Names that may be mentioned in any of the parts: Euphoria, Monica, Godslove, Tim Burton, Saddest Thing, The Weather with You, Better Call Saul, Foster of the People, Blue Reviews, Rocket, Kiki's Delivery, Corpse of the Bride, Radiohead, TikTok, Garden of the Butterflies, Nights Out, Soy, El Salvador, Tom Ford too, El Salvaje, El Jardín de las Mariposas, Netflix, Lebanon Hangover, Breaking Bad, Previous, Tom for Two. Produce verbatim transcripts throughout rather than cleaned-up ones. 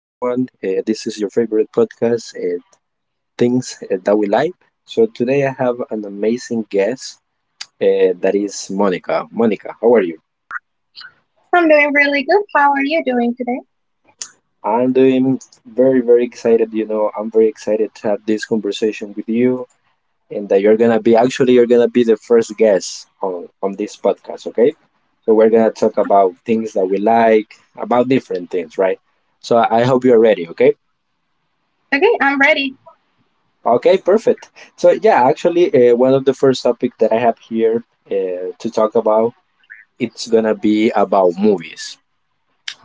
Uh, this is your favorite podcast, uh, Things uh, That We Like. So, today I have an amazing guest uh, that is Monica. Monica, how are you? I'm doing really good. How are you doing today? I'm doing very, very excited. You know, I'm very excited to have this conversation with you, and that you're going to be actually, you're going to be the first guest on, on this podcast, okay? So, we're going to talk about things that we like, about different things, right? So, I hope you're ready, okay? Okay, I'm ready. Okay, perfect. So yeah, actually, uh, one of the first topic that I have here uh, to talk about it's gonna be about movies.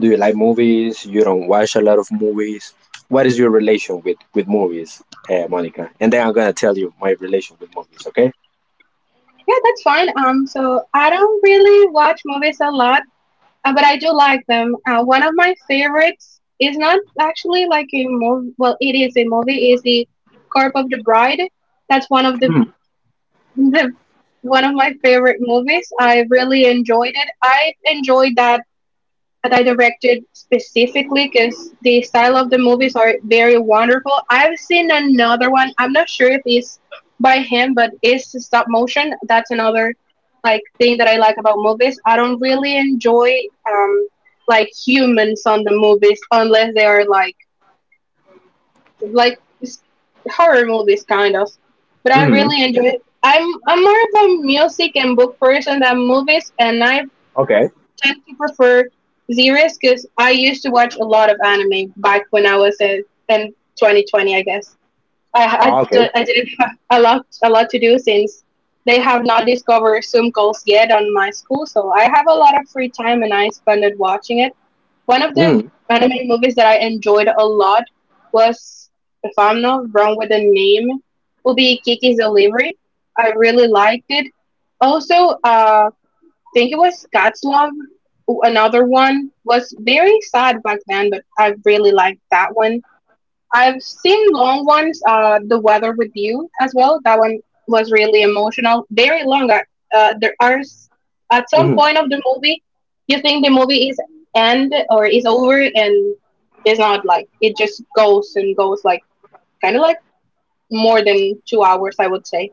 Do you like movies? You don't watch a lot of movies. What is your relation with with movies, uh, Monica? And then I'm gonna tell you my relation with movies. Okay. Yeah, that's fine. Um, so I don't really watch movies a lot, uh, but I do like them. Uh, one of my favorites is not actually like a movie. Well, it is a movie. Is the Corpse of the Bride. That's one of the, the one of my favorite movies. I really enjoyed it. I enjoyed that that I directed specifically because the style of the movies are very wonderful. I've seen another one. I'm not sure if it's by him, but it's stop motion. That's another like thing that I like about movies. I don't really enjoy um like humans on the movies unless they are like like s- horror movies kind of. But I Mm-hmm. really enjoy. I'm I'm more of a music and book person than movies, and I Okay. tend to prefer series because I used to watch a lot of anime back when I was in, in twenty twenty, I guess. I, I, Ah, okay. d- I didn't have a lot, a lot to do since they have not discovered Zoom calls yet on my school, so I have a lot of free time and I spend it watching it. One of the Mm-hmm. anime movies that I enjoyed a lot was, if I'm not wrong with the name, will be Kiki's Delivery. I really liked it. Also, uh, think it was Godslove, w- another one, was very sad back then, but I really liked that one. I've seen long ones, uh, The Weather with You as well. That one was really emotional, very long. Uh, uh, there are s- at some point of the movie, you think the movie is end or is over, and it's not like it just goes and goes like kind of like more than two hours, I would say.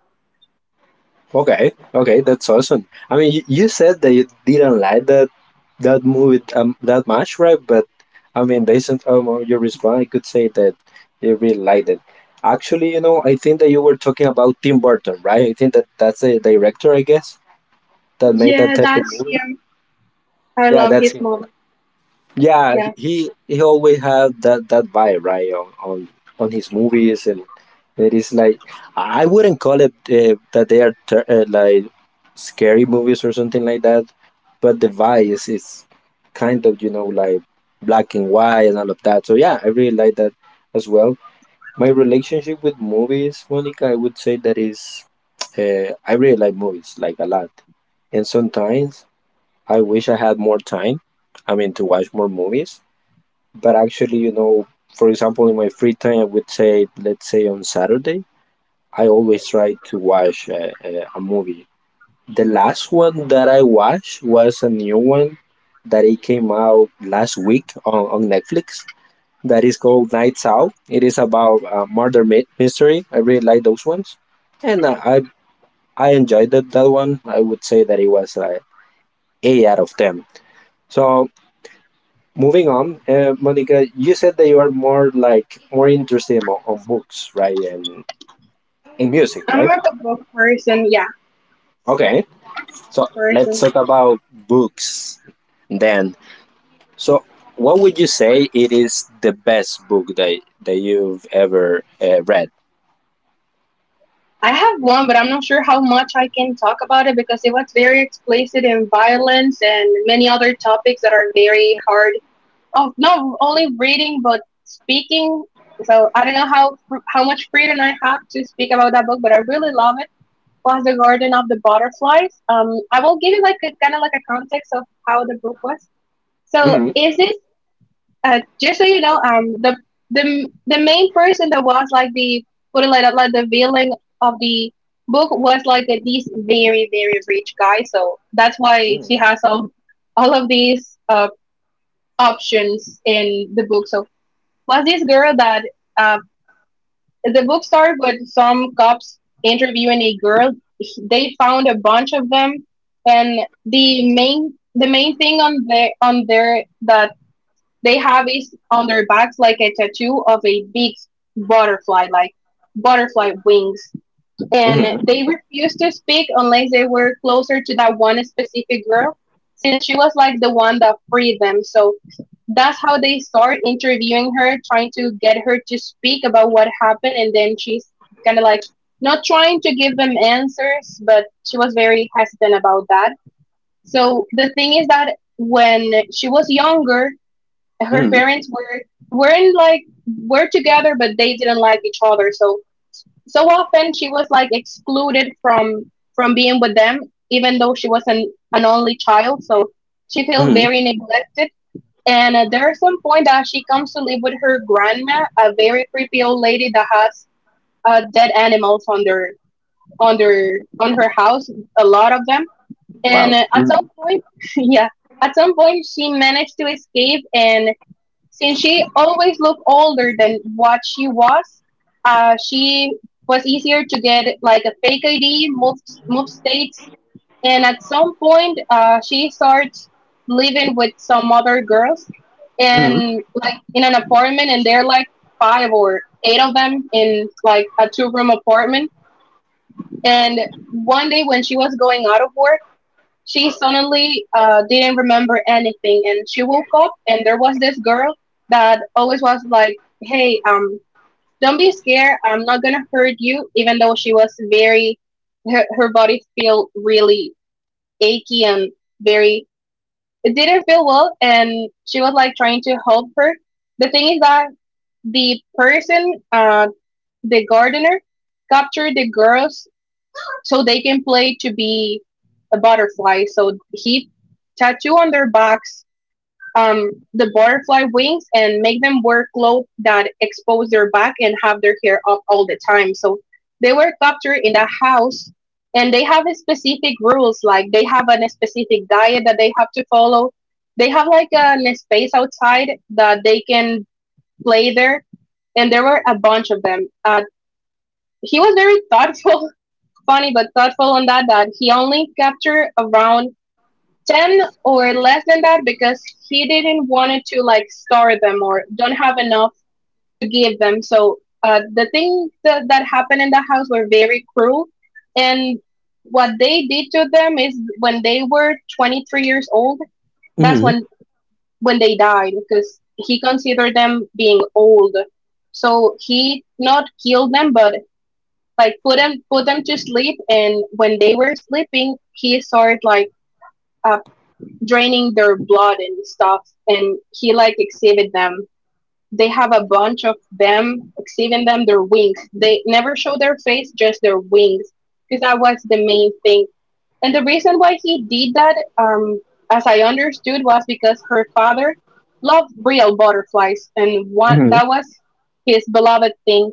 Okay, okay, that's awesome. I mean, you, you said that you didn't like that that movie um, that much, right? But I mean, based on um, your response, I could say that you really liked it. Actually, you know, I think that you were talking about Tim Burton, right? I think that that's the director, I guess, that made Yeah, that type that's of movie. him. I Yeah, love that's his him, right? movie. Yeah, Yeah. he he he always had that that vibe, right, on on, on his movies, and it is like I wouldn't call it uh, that they are ter- uh, like scary movies or something like that, but the vibe is, is kind of you know like black and white and all of that. So yeah, I really like that as well. My relationship with movies, Monica, I would say that is uh, I really like movies like a lot, and sometimes I wish I had more time. I mean to watch more movies, but actually, you know, for example, in my free time, I would say, let's say on Saturday, I always try to watch a, a, a movie. The last one that I watched was a new one that it came out last week on, on Netflix that is called Nights Out. It is about uh, murder mi- mystery. I really like those ones, and I I, I enjoyed that, that one. I would say that it was like eight out of ten. So moving on, uh, Monica, you said that you are more like more interested on, on books, right, and in music, I'm right? not a book person. Yeah, Okay, so let's person. talk about books then. So, what would you say it is the best book that that you've ever uh, read? I have one, but I'm not sure how much I can talk about it because it was very explicit in violence and many other topics that are very hard. Oh, not only reading, but speaking. So I don't know how how much freedom I have to speak about that book, but I really love it. Was the Garden of the Butterflies. Um, I will give you like a kind of like a context of how the book was. So Hmm. is this uh, just so you know, um, the the the main person that was like the put it like that, like the villain of the book was like a, this very very rich guy, so that's why she has all all of these uh options in the book. So was this girl that uh, the book started with some cops interviewing a girl. They found a bunch of them, and the main the main thing on their on there that they have it on their backs like a tattoo of a big butterfly, like butterfly wings. And Hmm. they refused to speak unless they were closer to that one specific girl, since she was like the one that freed them. So that's how they start interviewing her, trying to get her to speak about what happened. And then she's kind of like not trying to give them answers, but she was very hesitant about that. So the thing is that when she was younger, her Hmm. parents were weren't like were together but they didn't like each other so so often she was like excluded from from being with them even though she was an, an only child so she feels Hmm. very neglected and uh, there's some point that she comes to live with her grandma, a very creepy old lady that has uh, dead animals on their on their on her house, a lot of them, and Wow. uh, at some point yeah at some point she managed to escape and since she always looked older than what she was, uh, she was easier to get like a fake I D, move, move states, and at some point, uh, she starts living with some other girls Hmm. and like in an apartment, and they're like five or eight of them in like a two room apartment. And one day when she was going out of work, she suddenly uh, didn't remember anything and she woke up and there was this girl that always was like, "Hey, um don't be scared, I'm not gonna hurt you," even though she was very her, her body felt really achy and very it didn't feel well and she was like trying to help her. The thing is that the person, uh the gardener, captured the girls so they can play to be a butterfly. So he tattoo on their backs um, the butterfly wings and make them wear clothes that expose their back and have their hair up all the time. So they were captured in the house and they have a specific rules like they have a specific diet that they have to follow. They have like a, a space outside that they can play there and there were a bunch of them. Uh, he was very thoughtful funny but thoughtful on that that he only captured around ten or less than that because he didn't want it to like star them or don't have enough to give them, so uh, the things that, that happened in the house were very cruel and what they did to them is when they were twenty-three years old that's Hmm. when when they died because he considered them being old so he not killed them but like put them put them to sleep and when they were sleeping he started like uh, draining their blood and stuff and he like exhibit them, they have a bunch of them exhibiting them their wings, they never show their face just their wings because that was the main thing and the reason why he did that, um as I understood was because her father loved real butterflies and one that Hmm. was his beloved thing,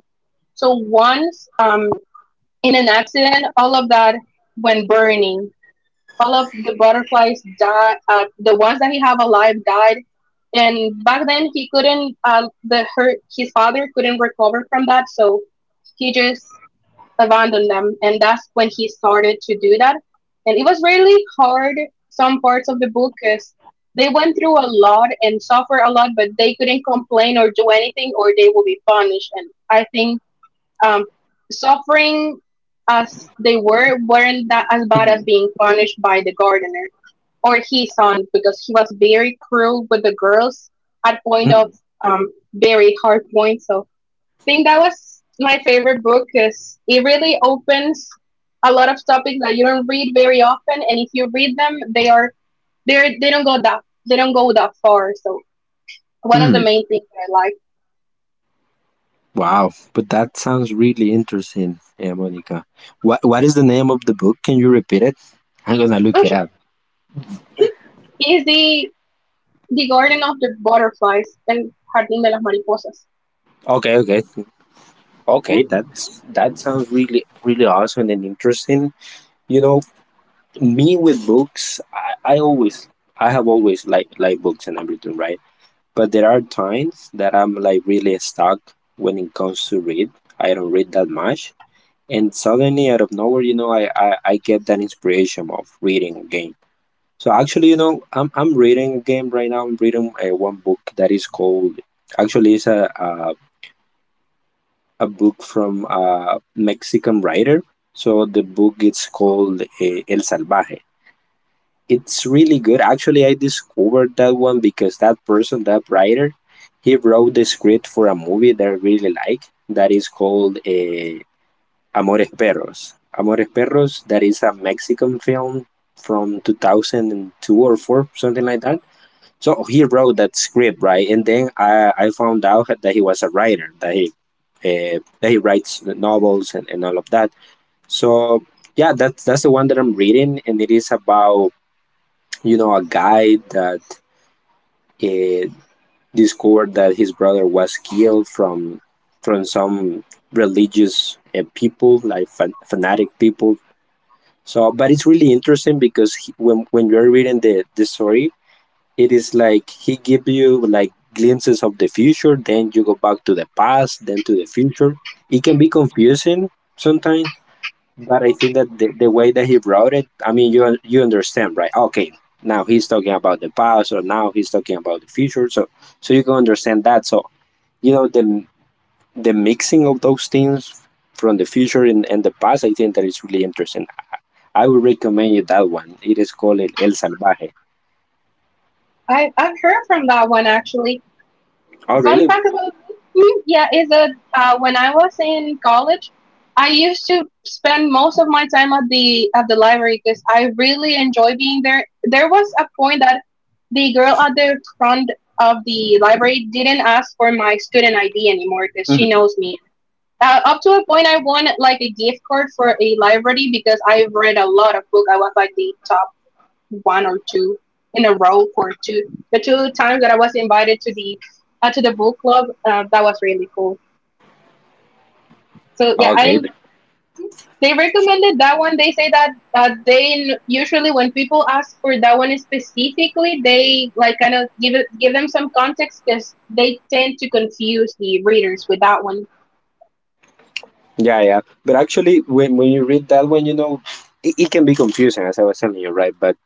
so once um in an accident, all of that went burning. All of the butterflies died. Uh, the ones that he have alive died. And back then, he couldn't. Uh, the her his father couldn't recover from that, so he just abandoned them. And that's when he started to do that. And it was really hard. Some parts of the book, cause they went through a lot and suffered a lot, but they couldn't complain or do anything, or they will be punished. And I think um, suffering as they were weren't that as bad as being punished by the gardener or his son because he was very cruel with the girls at point of Hmm. um, very hard point. So I think that was my favorite book because it really opens a lot of topics that you don't read very often, and if you read them, they are they are they don't go that they don't go that far. So one of the Hmm. main things that I like. Wow, but that sounds really interesting, yeah, Monica. What What is the name of the book? Can you repeat it? I'm gonna look Oh, it up. sure. Easy. The Garden of the Butterflies, El Jardín de las Mariposas. Okay, okay, okay. Hmm, That's that sounds really, really awesome and interesting. You know, me with books, I, I always, I have always like like books and everything, right? But there are times that I'm like really stuck when it comes to read. I don't read that much, and suddenly out of nowhere, you know, I I, I get that inspiration of reading again. So actually, you know, I'm I'm reading a game right now. I'm reading uh, one book that is called actually it's a a, a book from a Mexican writer. So the book it's called uh, El Salvaje. It's really good. Actually, I discovered that one because that person, that writer, he wrote the script for a movie that I really like. That is called uh, Amores Perros. Amores Perros. That is a Mexican film from two thousand two or four, something like that. So he wrote that script, right? And then I, I found out that he was a writer, that he uh, that he writes novels and, and all of that. So yeah, that's that's the one that I'm reading, and it is about you know a guy that uh, discovered that his brother was killed from from some religious uh, people, like fan- fanatic people. So, but it's really interesting because he, when when you're reading the the story, it is like he give you like glimpses of the future, then you go back to the past, then to the future. It can be confusing sometimes, but I think that the, the way that he wrote it, I mean you you understand, right? Okay, now he's talking about the past, or now he's talking about the future. So so you can understand that. So you know the the mixing of those things from the future and, and the past, I think that is really interesting. I would recommend you that one. It is called El Salvaje. I, I've heard from that one actually. Oh Fun really. fact about me, hmm, yeah, is that uh, when I was in college, I used to spend most of my time at the at the library because I really enjoy being there. There was a point that the girl at the front of the library didn't ask for my student I D anymore because she Mhm. knows me. Uh, up to a point, I won like a gift card for a library because I've read a lot of books. I was like the top one or two in a row for two. The two times that I was invited to the uh, to the book club, uh, that was really cool. So yeah, I Okay. they recommended that one. They say that uh, they n- usually when people ask for that one specifically, they like kind of give it give them some context because they tend to confuse the readers with that one. Yeah, yeah. But actually, when when you read that one, you know, it, it can be confusing, as I was telling you, right? But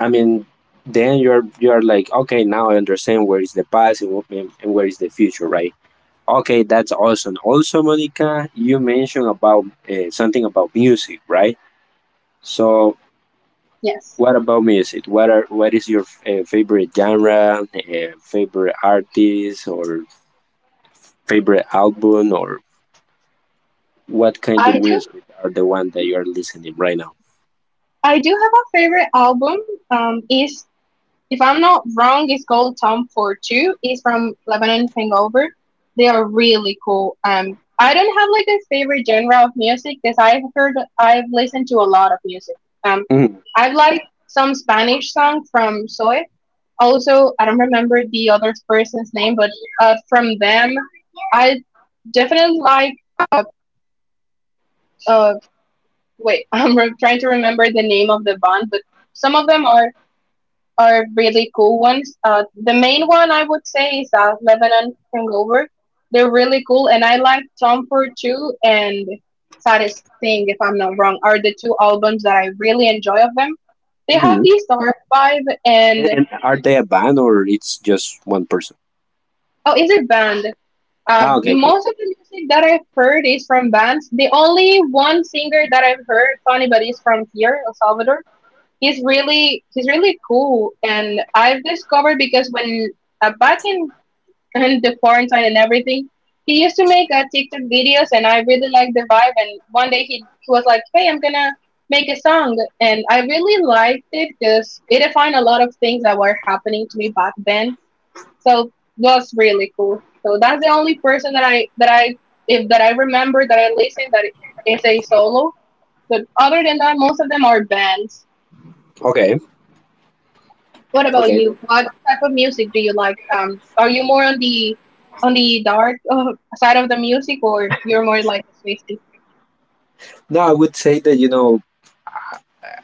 I mean, then you're you're like, okay, now I understand where is the past and, wh- and and where is the future, right? Okay, that's awesome. Also, Monica, you mentioned about uh, something about music, right? So, Yes. what about music? What are what is your uh, favorite genre, uh, favorite artist, or favorite album, or what kind of I music are the one that you're listening right I do have a favorite album. Um, is if I'm not wrong, it's called Tom for Two. It's from Lebanon Hangover. They are really cool. Um, I don't have like a favorite genre of music because I've heard I've listened to a lot of music. Um, now? I've liked some Spanish song from Soy. Also, I don't remember the other person's name, but uh, from them, I definitely like. Uh, uh, wait, I'm re- trying to remember the name of the band, but some of them are are really cool ones. Uh, the main one I would say is uh, Lebanon Hangover. They're really cool, and I like Tom Ford too. And Saddest Thing, if I'm not wrong, are the two albums that I really enjoy of them. They have Hmm. this dark vibe, and And, and are they a band or it's just one person? oh, is it band? Uh, Ah, okay, okay, most of the music that I've heard is from bands. The only one singer that I've heard, funny, but he's from here, El Salvador. He's really he's really cool, and I've discovered because when uh, back in and the quarantine and everything. He used to make uh, TikTok videos, and I really liked the vibe. And one day he, he was like, "Hey, I'm gonna make a song," and I really liked it because it defined a lot of things that were happening to me back then. So it was really cool. So that's the only person that I that I if that I remember that I listen that is a solo. But other than that, most of them are bands. okay, What about okay. you? What type of music do you like? Um, are you more on the on the dark uh, side of the music, or you're more like a Swiftie? No, I would say that you know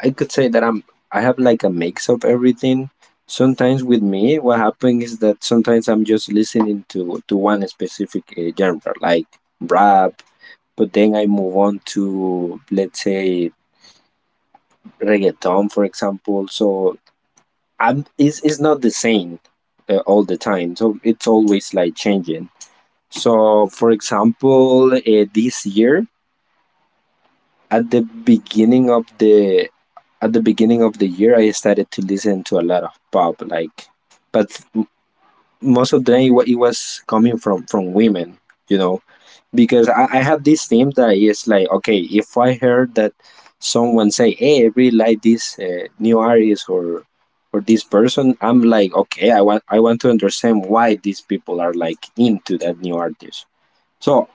I could say that I'm I have like a mix of everything. Sometimes with me, what happens is that sometimes I'm just listening to to one specific uh, genre, like rap. But then I move on to let's say reggaeton, for example. So I'm it's, it's not the same uh, all the time. So it's always like changing. So, for example, uh, this year at the beginning of the at the beginning of the year, I started to listen to a lot of pop, like, but m- most of the time it wa- it was coming from from women, you know, because I, I have this theme that is like, okay, if I heard that someone say, "Hey, I really like this uh, new artist or or this person," I'm like, okay, I want I want to understand why these people are like into that new artist, so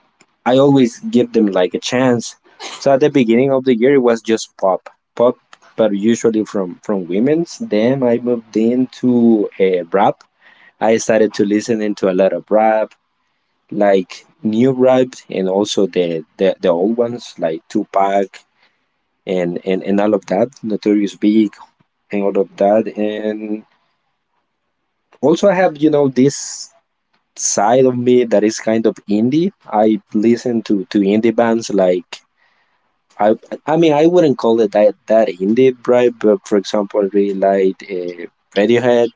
I always give them like a chance. So at the beginning of the year, it was just pop, pop, but usually from from women's. Then I moved into a rap. I started to listen into a lot of rap, like new rap, and also the the, the old ones like Tupac and, and and all of that, Notorious Big, and all of that. And also I have you know this side of me that is kind of indie. I listen to to indie bands like I I mean I wouldn't call it that that indie, right, but for example, I really like uh, Radiohead,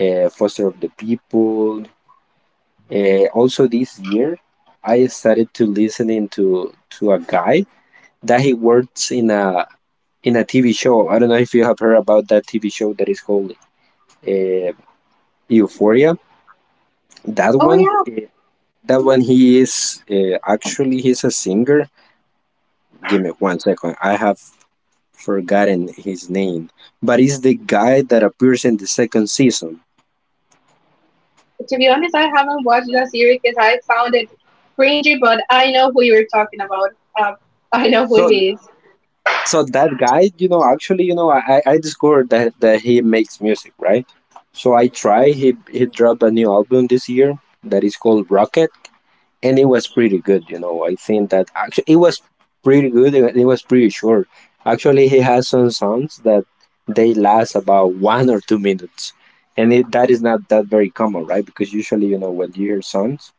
uh, Foster of the People. Uh, also this year, I started to listening to to a guy that he works in a in a T V show. I don't know if you have heard about that T V show that is called uh, Euphoria. That Oh one, yeah. that Mhm. one, he is uh, actually he's a singer. Give me one second. I have forgotten his name, but it's the guy that appears in the second season. To be honest, I haven't watched that series because I found it cringy, but I know who you're talking about. Um, I know who So he is. so that guy, you know, actually, you know, I I I discovered that that he makes music, right? So I try. He he dropped a new album this year that is called Rocket, and it was pretty good. You know, I think that actually it was pretty good. And it was pretty short. Actually, he has some songs that they last about one or two minutes, and it, that is not that very common, right? Because usually, you know, when you hear songs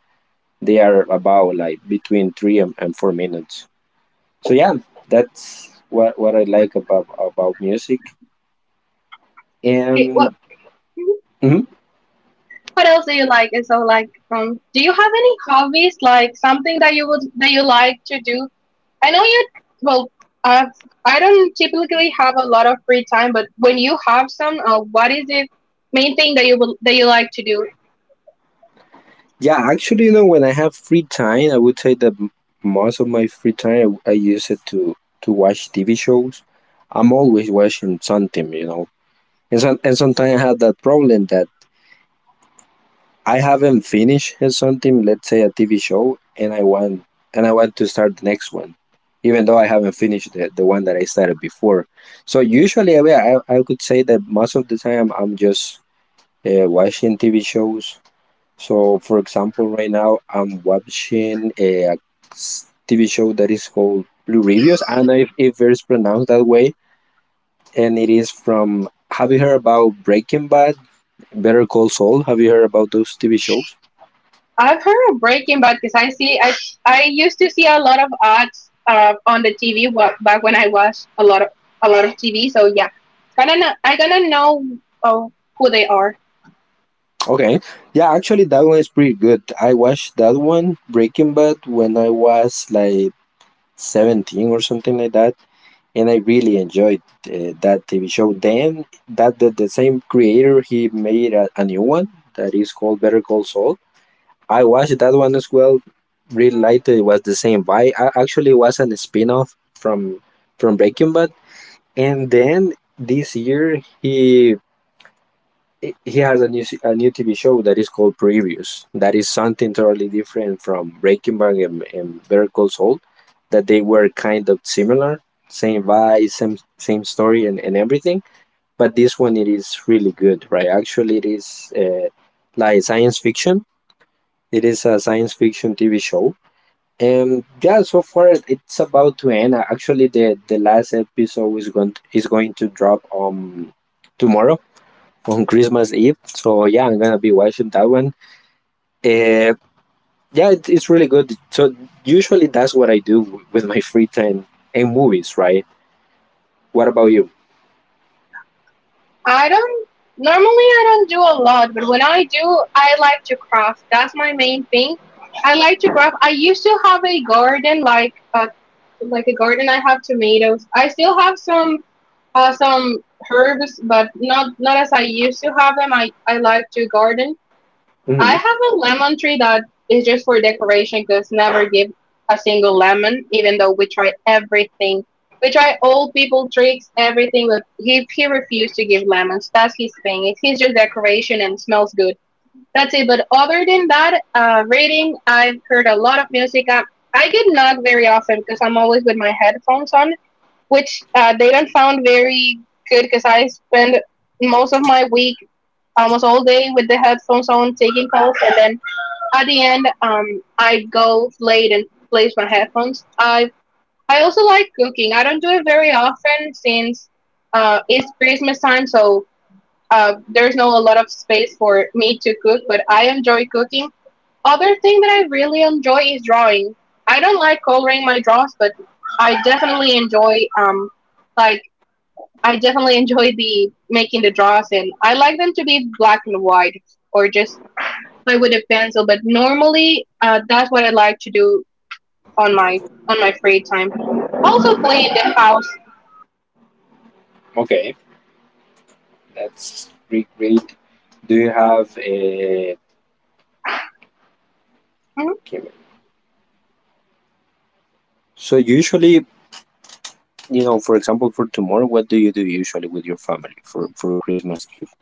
they are about like between three and, and four minutes. So yeah, that's what what I like about about music. Okay, what And Mhm. what else do you like? And so, like, um, do you have any hobbies, like something that you would that you like to do? I know you, well, I've, I don't typically have a lot of free time, but when you have some, uh, what is the main thing that you will, that you like to do? Yeah, actually, you know, when I have free time, I would say that m- most of my free time i, I use it to to watch TV shows. I'm always watching something, you know, and, some, and sometimes I have that problem that I haven't finished something, let's say a T V show, and I want and I want to start the next one, even though I haven't finished the, the one that I started before. So usually, I, mean, I I could say that most of the time I'm just uh, watching T V shows. So for example, right now I'm watching a s- T V show that is called Blue Reviews. I don't know if, if it's pronounced that way, and it is from. Have you heard about Breaking Bad, Better Call Saul? Have you heard about those T V shows? I've heard of Breaking Bad because I see, I, I used to see a lot of ads uh, on the T V wa- back when I watched a lot of, a lot of T V. So yeah, kind of, I gonna know uh, who they are. Okay. Yeah, actually, that one is pretty good. I watched that one, Breaking Bad, when I was like seventeen or something like that. And I really enjoyed uh, that T V show. Then, that the, the same creator, he made a, a new one that is called Better Call Saul. I watched that one as well. Really liked it. It was the same vibe. I actually it was a spin off from, from Breaking Bad. And then this year, he he he has a new se- a new T V show that is called Previous. That is something totally different from Breaking Bad and, and Better Call Saul, that they were kind of similar, same vibe, same same story, and, and everything. But this one, it is really good, right? Actually, it is uh, like science fiction. It is a science fiction T V show, and yeah, so far it's about to end. Actually, the the last episode is going to, is going to drop um tomorrow on Christmas Eve. So yeah, I'm gonna be watching that one. Uh, yeah, it, it's really good. So usually that's what I do w- with my free time, and movies, right? What about you? I don't normally I don't do a lot, but when I do, I like to craft. That's my main thing. I like to craft. I used to have a garden, like a like a garden. I have tomatoes. I still have some uh, some herbs, but not not as I used to have them. I I like to garden. I Hmm. have a lemon tree that is just for decoration because never give a single lemon, even though we try everything. We try old people tricks, everything, but he, he refused to give lemons. That's his thing. It's he's just decoration and smells good. That's it. But other than that, uh, reading, I've heard a lot of music. I, I get not very often because I'm always with my headphones on which uh, they done found very good because I spend most of my week, almost all day, with the headphones on taking calls, and then at the end, um, I go late and place my headphones. I I also like cooking. I don't do it very often since uh, it's Christmas time, so uh, there's no a lot of space for me to cook. But I enjoy cooking. Other thing that I really enjoy is drawing. I don't like coloring my draws, but I definitely enjoy um like I definitely enjoy the making the draws, and I like them to be black and white or just play with a pencil. But normally, uh, that's what I like to do on my on my free time. Also, clean the house. Okay, that's great. Great. Do you have a? Mhm. So usually, you know, for example, for tomorrow, what do you do usually with your family for for Christmas Eve?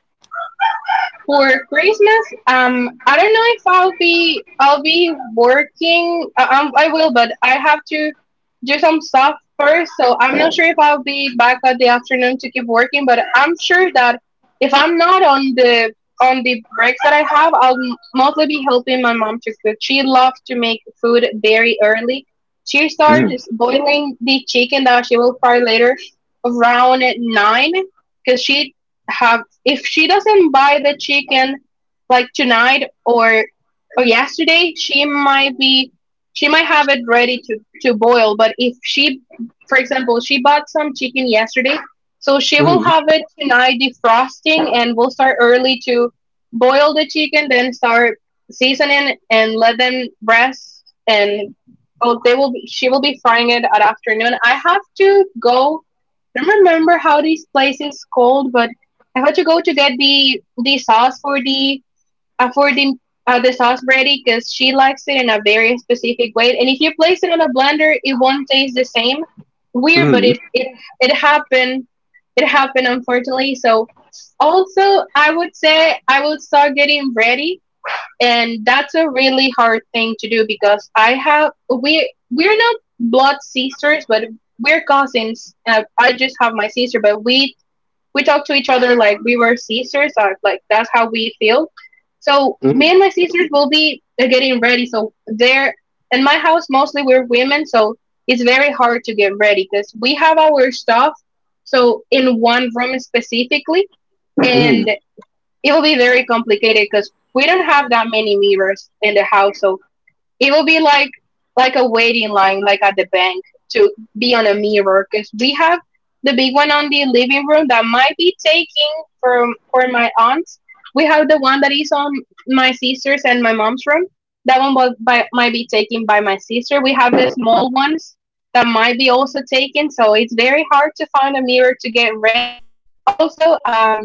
For Christmas, um, I don't know if I'll be I'll be working. Uh, um, I will, but I have to do some stuff first, so I'm not sure if I'll be back at the afternoon to keep working. But I'm sure that if I'm not on the on the breaks that I have, I'll m- mostly be helping my mom to cook. She loves to make food very early. She Mm, starts boiling the chicken that she will fry later around at nine because she have if she doesn't buy the chicken like tonight or or yesterday, she might be she might have it ready to to boil. But if she, for example, she bought some chicken yesterday, so she will mm, have it tonight defrosting, and will start early to boil the chicken, then start seasoning and let them rest and. Oh, they will. Be, she will be frying it at afternoon. I have to go. I don't remember how this place is called, but I had to go to get the the sauce for the uh, for the uh, the sauce ready because she likes it in a very specific way. And if you place it on a blender, it won't taste the same. Weird, but mm, it it it happened. It happened unfortunately. So also, I would say I will start getting ready, and that's a really hard thing to do because I have we we're not blood sisters, but we're cousins. Uh, I just have my sister, but we we talk to each other like we were sisters. Or, like that's how we feel. So me and mm, my sisters will be uh, getting ready. So there in my house mostly we're women, so it's very hard to get ready because we have our stuff. So in one room specifically, mm. and it will be very complicated because we don't have that many mirrors in the house. So it will be like like a waiting line, like at the bank, to be on a mirror. Cause we have the big one on the living room that might be taking from for my aunt. We have the one that is on my sister's and my mom's room. That one was by, might be taken by my sister. We have the small ones that might be also taken. So it's very hard to find a mirror to get ready. Also, um,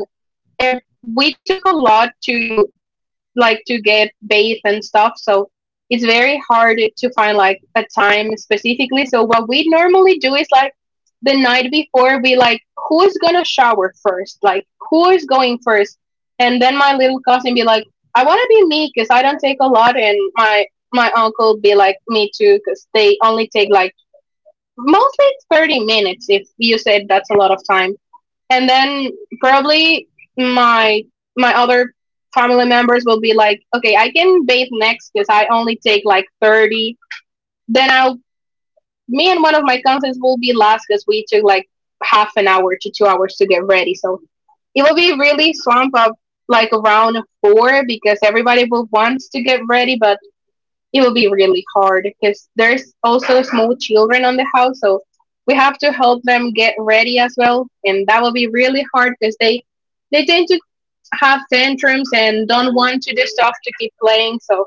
if we took a lot to like to get bathed and stuff. So it's very hard to find like a time specifically. So what we normally do is like the night before we like who is gonna shower first? Like who is going first? And then my little cousin be like, I want to be me because I don't take a lot, and my my uncle be like me too because they only take like mostly thirty minutes if you said that's a lot of time and then probably my my other family members will be like, okay, I can bathe next because I only take like thirty. Then I'll me and one of my cousins will be last because we took like half an hour to two hours to get ready. So it will be really swamp up like around four because everybody will wants to get ready, but it will be really hard because there's also small children on the house, so we have to help them get ready as well, and that will be really hard because they they tend to have tantrums and don't want to do stuff to keep playing. So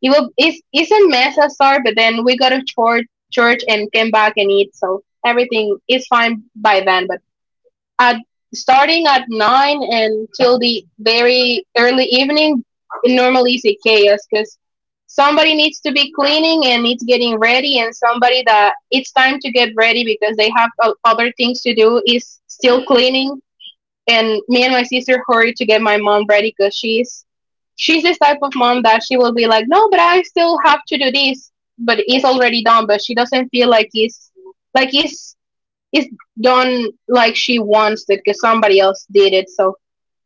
it will it's it's a mess at start, but then we got to church church and came back and eat, so everything is fine by then. But at starting at nine and till the very early evening it normally is a chaos because somebody needs to be cleaning and it's getting ready and somebody that it's time to get ready because they have o- other things to do is still cleaning and me and my sister hurry to get my mom ready because she's she's this type of mom that she will be like no but I still have to do this but it's already done but she doesn't feel like it's like it's it's done like she wants it because somebody else did it. So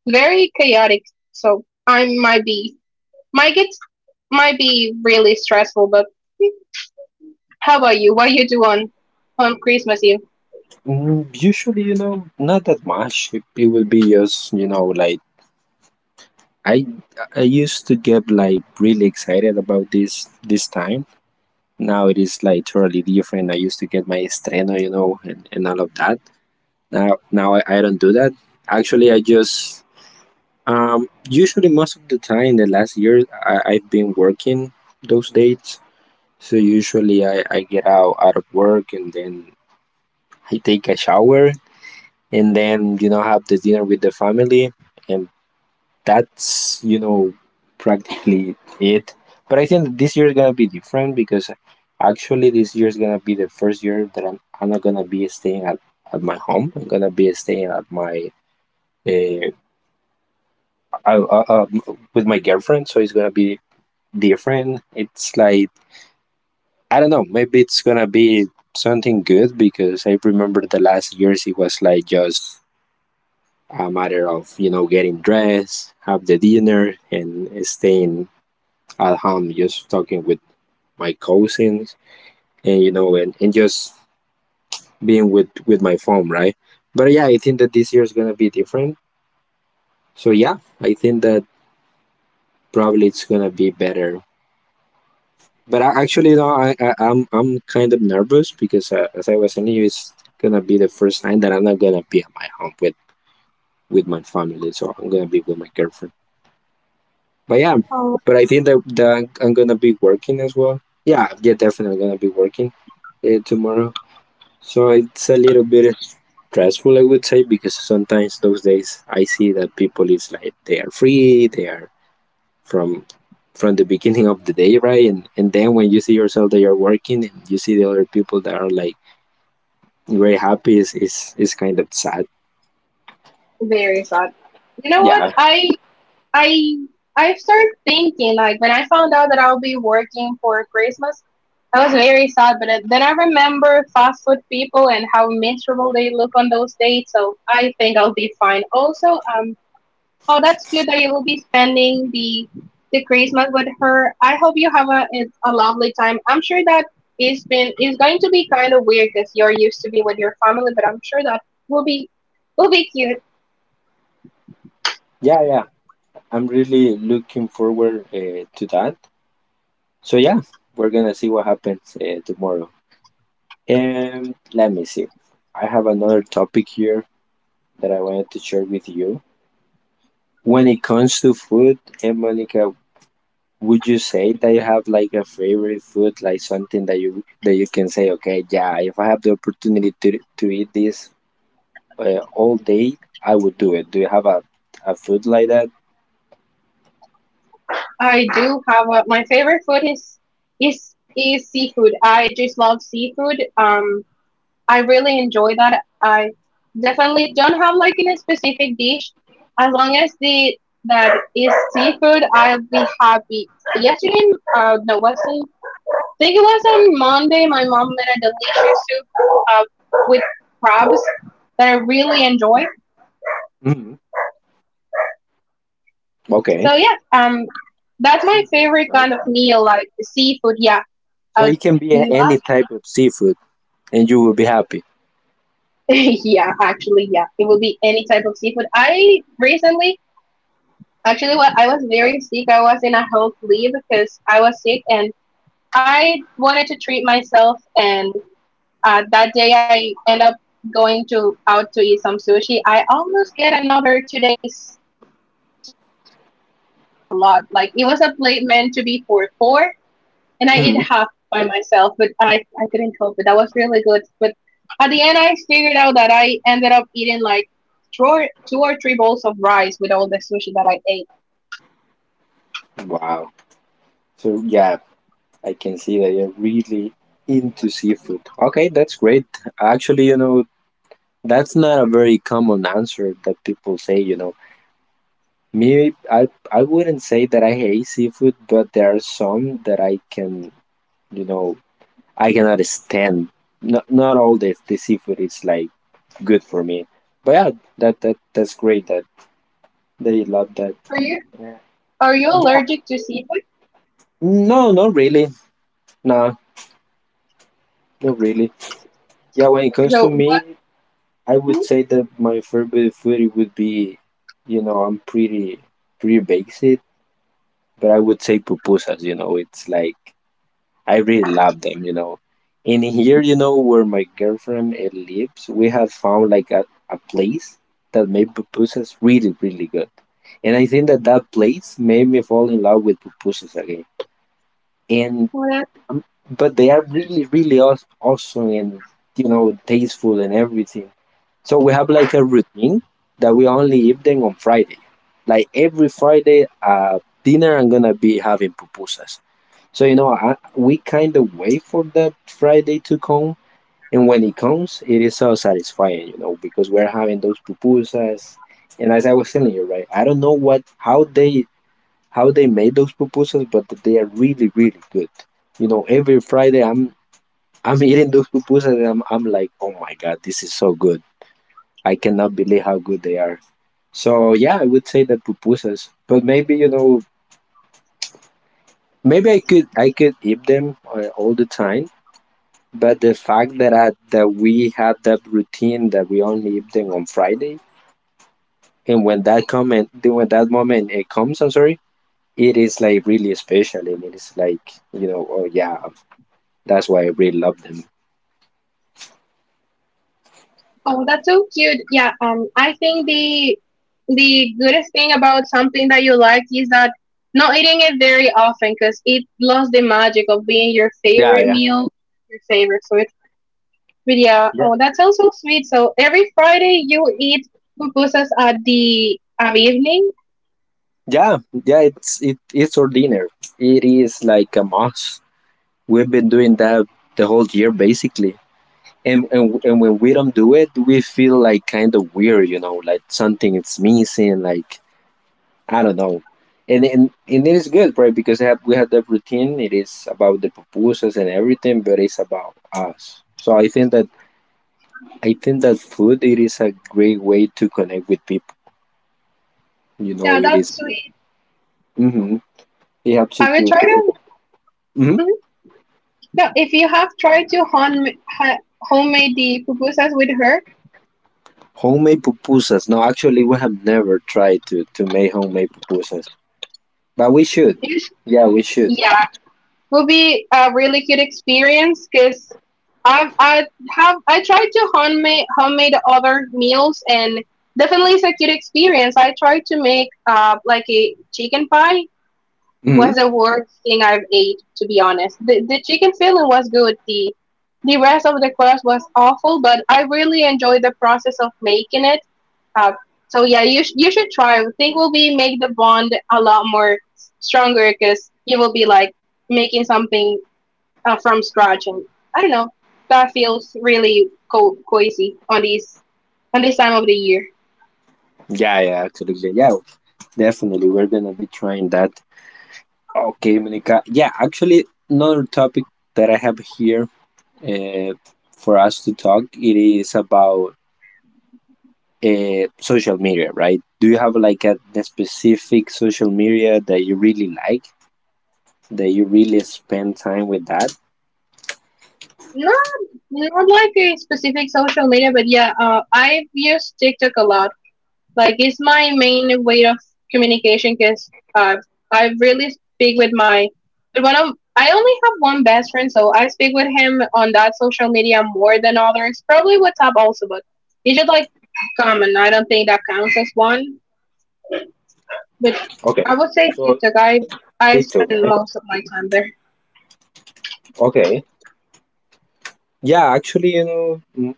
very chaotic. So I might be might get might be really stressful. But how about you? What you do on on Christmas Eve? Mm, Usually, you know, not that much. It, it will be just, you know, like I I used to get like really excited about this this time. Now it is like totally different. I used to get my estreno, you know, and, and all of that. Now now I, I don't do that. Actually, I just um usually most of the time the last year I, I've been working those dates. So usually I, I get out out of work, and then I take a shower, and then you know have the dinner with the family, and that's you know practically it. But I think this year is gonna be different, because actually this year is gonna be the first year that i'm, I'm not gonna be staying at, at my home. I'm gonna be staying at my uh, uh, uh, uh, with my girlfriend, so it's gonna be different. It's like, I don't know, maybe it's gonna be something good, because I remember the last years it was like just a matter of you know getting dressed, have the dinner, and staying at home, just talking with my cousins and you know and, and just being with with my phone, right? But yeah, I think that this year is gonna be different. So yeah, I think that probably it's gonna be better. But I, actually, no, I, I I'm I'm kind of nervous, because uh, as I was telling you, it's gonna be the first time that I'm not gonna be at my home with with my family. So I'm gonna be with my girlfriend. But yeah, Oh, but I think that, that I'm gonna be working as well. Yeah, yeah, definitely gonna be working uh, tomorrow. So it's a little bit stressful, I would say, because sometimes those days I see that people is like they are free, they are from from the beginning of the day, right? And and then when you see yourself that you're working, and you see the other people that are like very happy, is is is kind of sad. very sad. You know what? Yeah, I I I started thinking like when I found out that I'll be working for Christmas. I was very sad, but it- then I remember fast food people and how miserable they look on those days. So I think I'll be fine. Also, um, Oh, that's cute that you will be spending the the Christmas with her. I hope you have a it's a lovely time. I'm sure that it's been it's going to be kind of weird because you're used to be with your family, but I'm sure that will be will be cute. yeah, yeah. I'm really looking forward uh, to that. So yeah, we're gonna see what happens uh, tomorrow. And let me see. I have another topic here that I wanted to share with you. When it comes to food, and Monica, would you say that you have like a favorite food, like something that you that you can say, okay, yeah, if I have the opportunity to to eat this uh, all day, I would do it? Do you have a a food like that? I do have a, my favorite food is is is seafood. I just love seafood. Um, I really enjoy that. I definitely don't have like in a specific dish. As long as the that is seafood, I'll be happy. Yesterday, uh, no, wasn't. I think it was on Monday. My mom made a delicious soup uh, with crabs that I really enjoy. Hmm. So yeah, Okay, um, that's my favorite seafood, kind of right? meal, like seafood. Yeah, uh, So it can be a- not- any type of seafood, and you will be happy. yeah, actually, yeah, it will be any type of seafood. I recently Actually, when I was very sick, I was in a health leave because I was sick and I wanted to treat myself. And uh, that day, I end up going to out to eat some sushi. I almost get another two days lot. Like it was a plate meant to be for four, and I ate Hmm. half by myself, but I I couldn't help it. That was really good. But at the end, I figured out that I ended up eating like two or, two or three bowls of rice with all the sushi that I ate. Wow. So yeah, I can see that you're really into seafood. Okay, that's great. Actually, you know, That's not a very common answer that people say, you know. Me, I, I wouldn't say that I hate seafood, but there are some that I can, you know, I cannot stand. Not, not all the, the seafood is like good for me. But yeah, that, that that's great that they love that. Are you Yeah. are you Yeah. allergic to seafood? No, not really. Nah, not really. Yeah, when it comes to So me, what? I would hmm, say that my favorite food would be, you know, I'm pretty pretty basic. But I would say pupusas, you know, it's like I really love them, you know. In here, you know, where my girlfriend uh, lives, we have found like a, a place that made pupusas really, really good. And I think that that place made me fall in love with pupusas again. And what else? but they are really, really aw- awesome and you know tasteful and everything. So we have like a routine that we only eat them on Friday. Like every Friday, uh, dinner I'm gonna be having pupusas. So you know, I, we kind of wait for that Friday to come, and when it comes, it is so satisfying, you know, because we're having those pupusas. And as I was telling you, right, I don't know what how they how they made those pupusas, but they are really really good. You know, every Friday I'm I'm eating those pupusas, and I'm I'm like, oh my god, this is so good. I cannot believe how good they are. So yeah, I would say the pupusas, but maybe you know, maybe I could I could eat them uh, all the time. But the fact that I, that we had that routine that we only eat on Friday, and when that comment, when that moment it comes, I'm sorry, it is like really special, and it is like you know, oh yeah, that's why I really love them. Oh, that's so cute. Yeah. Um, I think the the goodest thing about something that you like is that not eating it very often because it lost the magic of being your Yeah, favorite yeah, meal, your favorite food. But yeah. yeah, Oh, that sounds so sweet. So every Friday you eat pupusas at the um, evening. yeah, yeah. It's it it's our dinner. It is like a must. We've been doing that the whole year basically, and and and when we don't do it, we feel like kind of weird, you know, like something is missing, like I don't know. And, and and it is good, right? Because have, we have the routine. It is about the pupusas and everything, but it's about us. So I think that I think that food it is a great way to connect with people. You Yeah, know, it that's is. sweet. Mm-hmm. It helps you Have you to tried to. it? Mm-hmm. Mhm. Yeah. If you have tried to home ha- homemade the pupusas with her, Homemade pupusas. No, actually, we have never tried to to make homemade pupusas, but we should. yes. Yeah, we should. Yeah, will be a really good experience because I I have I tried to homemade homemade other meals and definitely it's a good experience. I tried to make uh like a chicken pie Mm-hmm. was the worst thing I've ate to be honest. The the chicken filling was good. The the rest of the crust was awful, but I really enjoyed the process of making it. Uh, so yeah, you sh- you should try. I think will be make the bond a lot more stronger because you will be like making something uh, from scratch, and I don't know. That feels really co- cozy on these on this time of the year. Yeah, yeah, absolutely. Yeah, definitely. We're gonna be trying that. Okay, Monica. Yeah, actually, another topic that I have here uh, for us to talk, it is about uh, social media, right? Do you have like a, a specific social media that you really like, that you really spend time with that? Not not like a specific social media, but yeah, uh, I've used TikTok a lot. Like it's my main way of communication because uh, I really speak with my with one of I only have one best friend, so I speak with him on that social media more than others. Probably WhatsApp also, but it's just like common. I don't think that counts as one. But Okay, I would say so TikTok. I I spend TikTok, right? most of my time there. Okay, yeah, actually, you know, mm,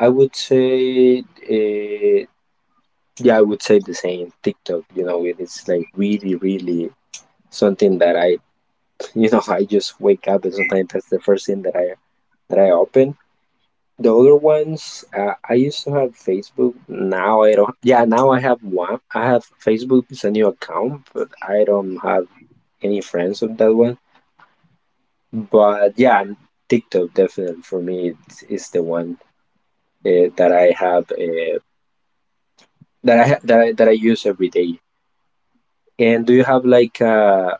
I would say, uh, yeah, I would say the same. TikTok, you know, it is like really, really something that I you know I just wake up, and sometimes that's the first thing that i that i open. The other ones, uh, I used to have Facebook. Now I don't. Yeah, now I have one. I have Facebook. It's a new account, but I don't have any friends on that one. But yeah, TikTok definitely for me it's, it's the one uh, that i have uh, that I ha- that I, that I use every day. And do you have like uh,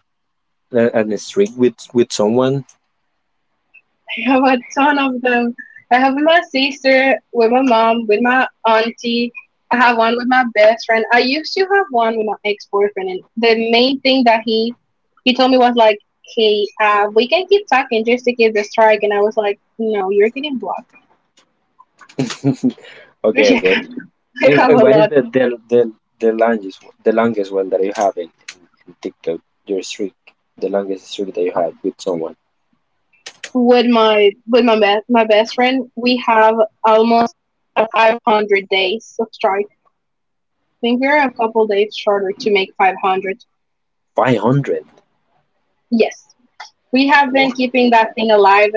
a, an streak with with someone? I have a ton of them. I have with my sister, with my mom, with my auntie. I have one with my best friend. I used to have one with my ex boyfriend, and the main thing that he he told me was like, "Hey, uh, we can keep talking just to get the strike." And I was like, "No, you're getting blocked." Okay, Yeah, okay. I And, have and a what is lot the the, the the longest the longest one that you have in, in, in TikTok? Your streak, the longest streak that you have with someone. with my with my best my best friend. We have almost five hundred days of strike. We were a couple days shorter to make five hundred. Five hundred. Yes. We have Wow. been keeping that thing alive.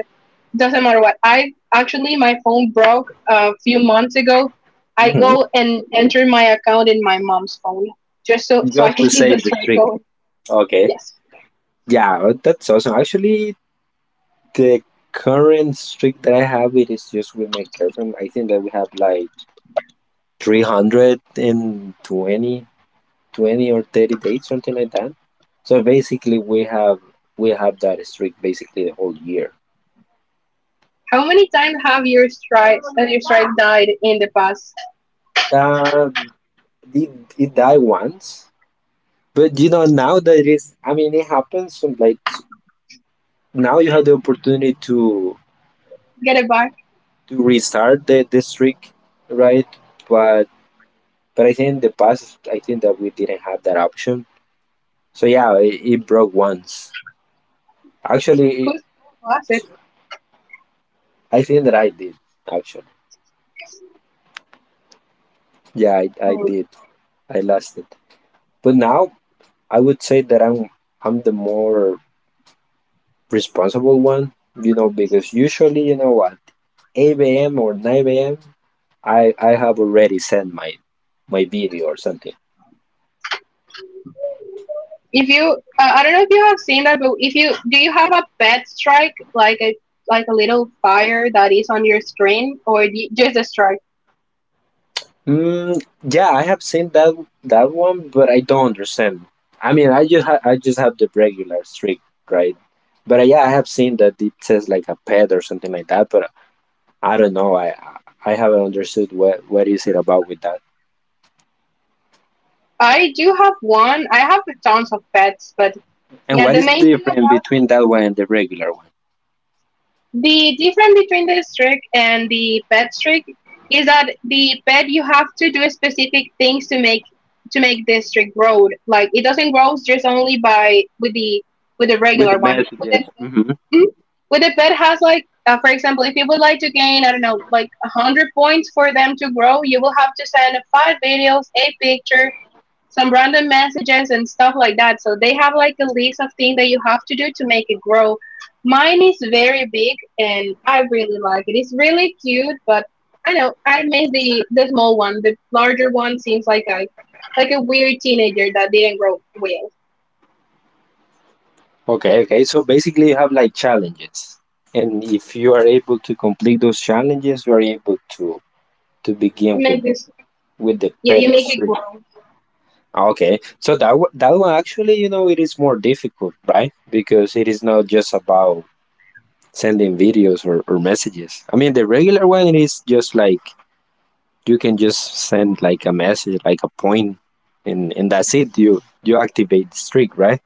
Doesn't matter what. I actually, my phone broke a few months ago. I Hmm. go and enter my account in my mom's phone just so, so I Just can to keep the save the strike streak. going. Okay. Yes. Yeah, that's awesome. Actually, the current streak that I have, it is just with my girlfriend. I think that we have like three hundred and twenty twenty or thirty days, something like that. So basically, we have we have that streak basically the whole year. How many times have your strikes and your strike died in the past? Uh, It, it died once, but you know now that it is. I mean, it happens. From like s- now you have the opportunity to Get it back. to restart the the streak, right? But but I think in the past, I think that we didn't have that option. So yeah, it, it broke once. Who Actually, was it? I think that I did. Actually, yeah, I, I Oh, did. I lost it. But now I would say that I'm I'm the more responsible one. You know, because usually, you know what, eight a m or nine a m. I I have already sent my my video or something. if you uh, I don't know if you have seen that, but if you do you have a pet strike like a like a little fire that is on your screen or do you- just a strike. Mm, yeah, I have seen that that one, but I don't understand. I mean, I just ha- I just have the regular streak, right? But uh, yeah, I have seen that it says like a pet or something like that. But I don't know. I I I haven't understood what what is it about with that, I do have one. I have tons of pets, but and yeah, what the is main thing. different between that one and the regular one The difference between the streak and the pet streak is that the pet you have to do specific things to make to make the streak grow. Like it doesn't grow just only by with the with the with the regular one. With messages. the Mhm. Mhm. With the pet has like, uh, for example, if you would like to gain, I don't know, like a hundred points for them to grow, you will have to send five videos, a picture, some random messages and stuff like that. So they have like a list of things that you have to do to make it grow. Mine is very big and I really like it. It's really cute, but I know I miss the the small one. The larger one seems like a like a weird teenager that didn't grow well. Okay, okay. So basically, you have like challenges, and if you are able to complete those challenges, you are able to to begin with Make this with the yeah, pet you make it streak. grow. Okay, so that one- that one actually, you know, it is more difficult, right? Because it is not just about sending videos or, or messages. I mean, the regular one, it is just like you can just send like a message, like a point, and and that's it. You you activate the streak, right?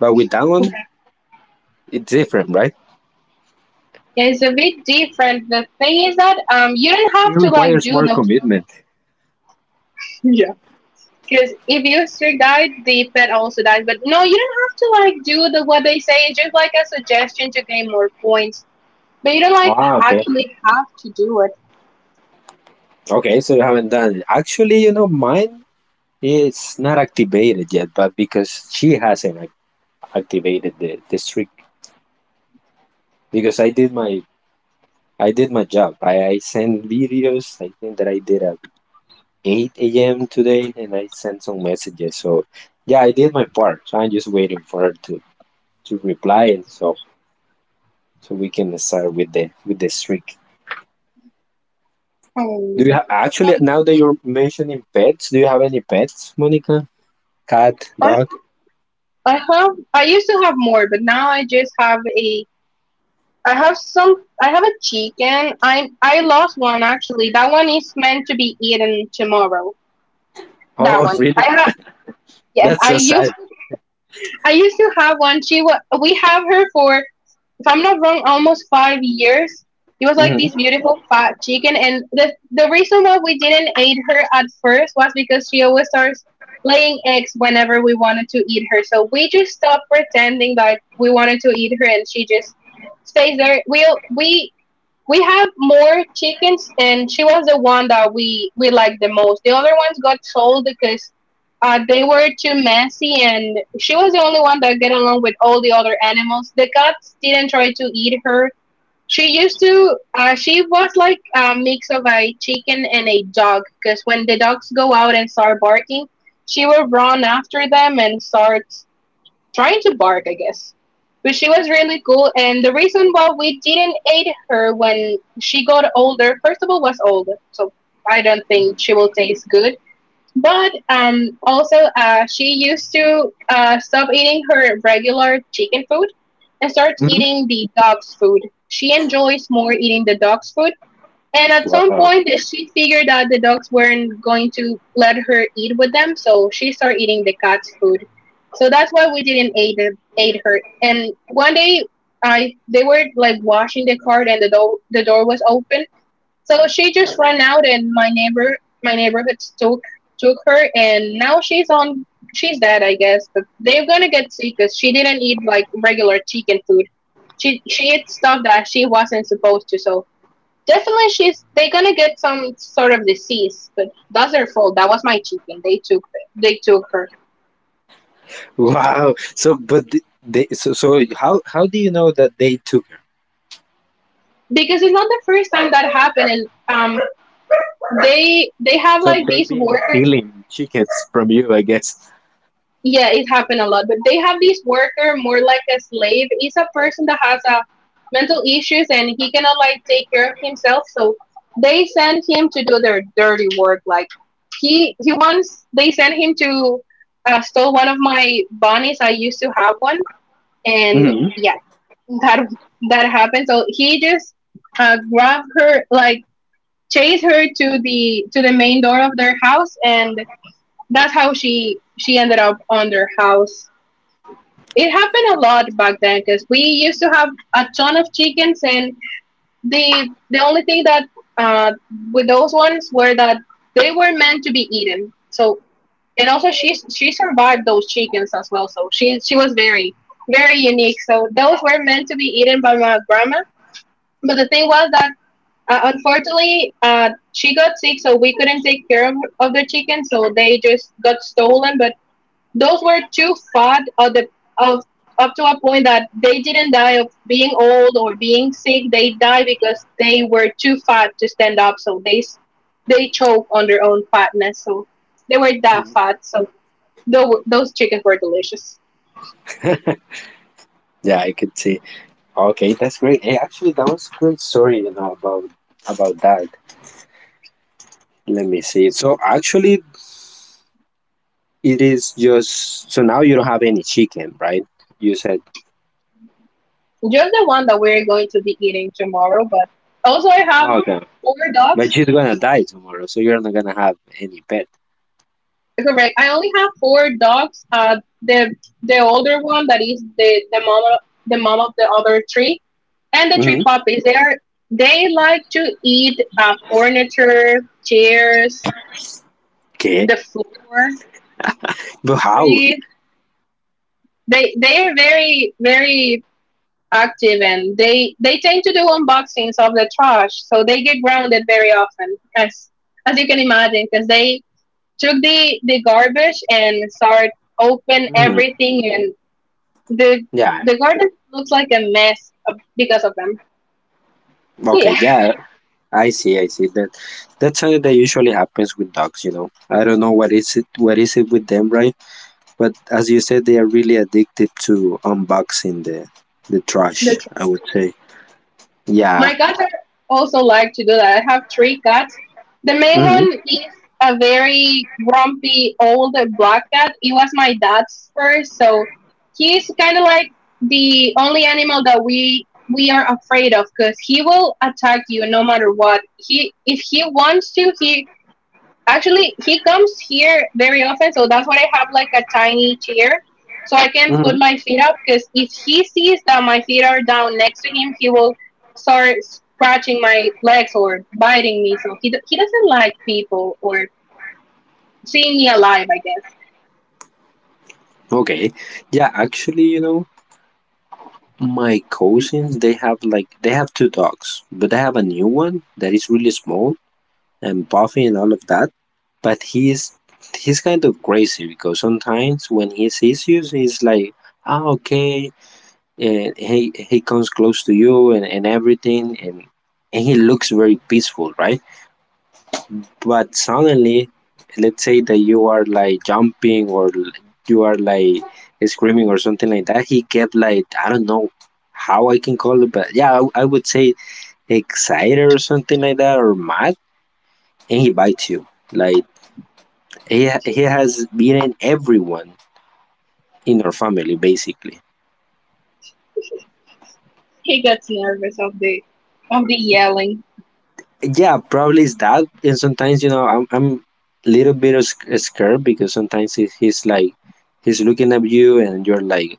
But with that one, it's different, right? Yeah, it's a bit different. The thing is that um you don't It have to like requires do more those commitment. because if you still died, the pet also dies. But no, you don't have to like do the what they say. It's just like a suggestion to gain more points. But you don't like Ah, okay. actually have to do it. Okay, so you haven't done it. Actually, you know, mine is not activated yet, but because she hasn't ac- activated the, the streak. Because I did my I did my job. I, I sent videos. I think that I did at eight a m today and I sent some messages. So yeah, I did my part. So I'm just waiting for her to, to reply and so so we can start with the with the streak. Do you Um, have, actually, now that you're mentioning pets, do you have any pets, Monica? Cat, I dog? I have I used to have more, but now I just have a I have some I have a chicken. I I lost one actually. That one is meant to be eaten tomorrow. That Oh, one I really? have. Yes, That's I so sad. used I used to have one. She wa- we have her for if I'm not wrong, almost five years. It was like this Hmm, beautiful fat chicken, and the the reason why we didn't eat her at first was because she always starts laying eggs whenever we wanted to eat her. So we just stopped pretending like we wanted to eat her, and she just stays there. We we we have more chickens and she was the one that we we liked the most. The other ones got sold because uh, they were too messy and she was the only one that get along with all the other animals. The cats didn't try to eat her. She used to uh, she was like a mix of a chicken and a dog because when the dogs go out and start barking she will run after them and start trying to bark, I guess. But she was really cool, and the reason why we didn't aid her when she got older, first of all, was old, so I don't think she will taste good. But um, also, uh, she used to uh, stop eating her regular chicken food and starts hmm. eating the dog's food. She enjoys more eating the dog's food and at some Wow. point, she figured that the dogs weren't going to let her eat with them, so she started eating the cat's food. So that's why we didn't aid her. Aid her. And one day, I they were like washing the cart, and the door the door was open, so she just ran out, and my neighbor my neighborhood took took her, and now she's on she's dead, I guess. But they're gonna get sick because she didn't eat like regular chicken food. She she ate stuff that she wasn't supposed to, so definitely, she's they're gonna get some sort of disease, but that's their fault. That was my chicken. They took they took her Wow. So, but th- they, so so how how do you know that they took her? because it's not the first time that happened. And um, they they have So like they these being worker. stealing chickens from you, I guess. Yeah, it happened a lot, but they have this worker more like a slave. He's a person that has a mental issues and he cannot like take care of himself. So they send him to do their dirty work. Like he he wants they sent him to uh, stole one of my bunnies. I used to have one, and Hmm. yeah, that that happened. So he just uh, grabbed her, like chased her to the to the main door of their house, and that's how she she ended up on their house. It happened a lot back then because we used to have a ton of chickens, and the the only thing that uh, with those ones were that they were meant to be eaten. So and also she she survived those chickens as well, so she she was very very unique. So those were meant to be eaten by my grandma but the thing was that uh, unfortunately uh, she got sick so we couldn't take care of, of the chicken so they just got stolen. But those were too fat of the of up to a point that they didn't die of being old or being sick. They died because they were too fat to stand up, so they s- they choke on their own fatness. So they were that fat, so though those chickens were delicious. Yeah, I could see. Okay, that's great. Hey, actually, that was a great story, you know, about about that. Let me see. So actually, it is just, so now you don't have any chicken, right? You said, Just the one that we're going to be eating tomorrow. But also, I have "Oh, okay, four but dogs. she's gonna die tomorrow, so you're not gonna have any pet. Correct. I only have four dogs. Uh, the the older one that is the the mom the mom of the other three, and the three Hmm. puppies. They are they like to eat uh, furniture, chairs, Okay, the floor, but how? trees. They they are very very active and they they tend to do unboxings of the trash, so they get grounded very often as as you can imagine because they took the the garbage and start open Hmm. everything and the Yeah. the garden looks like a mess uh, because of them. So Okay, yeah. yeah, I see, I see that. That's something that usually happens with dogs. You know, I don't know what is it, what is it with them, right? But as you said, they are really addicted to unboxing the the trash. The I would say, yeah. my cats are also like to do that. I have three cats. The main Hmm, one is a very grumpy old black cat. It was my dad's first, so he's kind of like the only animal that we we are afraid of because he will attack you no matter what. He if he wants to, he Actually, he comes here very often, so that's why I have like a tiny chair so I can hmm. put my feet up. Because if he sees that my feet are down next to him, he will start scratching my legs or biting me. So he do- he doesn't like people or seeing me alive. I guess Okay, yeah. Actually, you know, my cousins, they have like they have two dogs, but they have a new one that is really small and Buffy and all of that. But he's he's kind of crazy because sometimes when he sees you, he's like, "Ah, okay," and he he comes close to you, and, and everything, and and he looks very peaceful, right? But suddenly, let's say that you are like jumping or l- you are like screaming or something like that, he kept like, I don't know how I can call it, but yeah, I, I would say excited or something like that, or mad, and he bites you. Like He, he has beaten everyone in our family, basically. he gets nervous of the of the yelling. Yeah, probably it's that. And sometimes, you know, I'm, I'm a little bit of sc- scared because sometimes he, he's like, he's looking at you and you're like,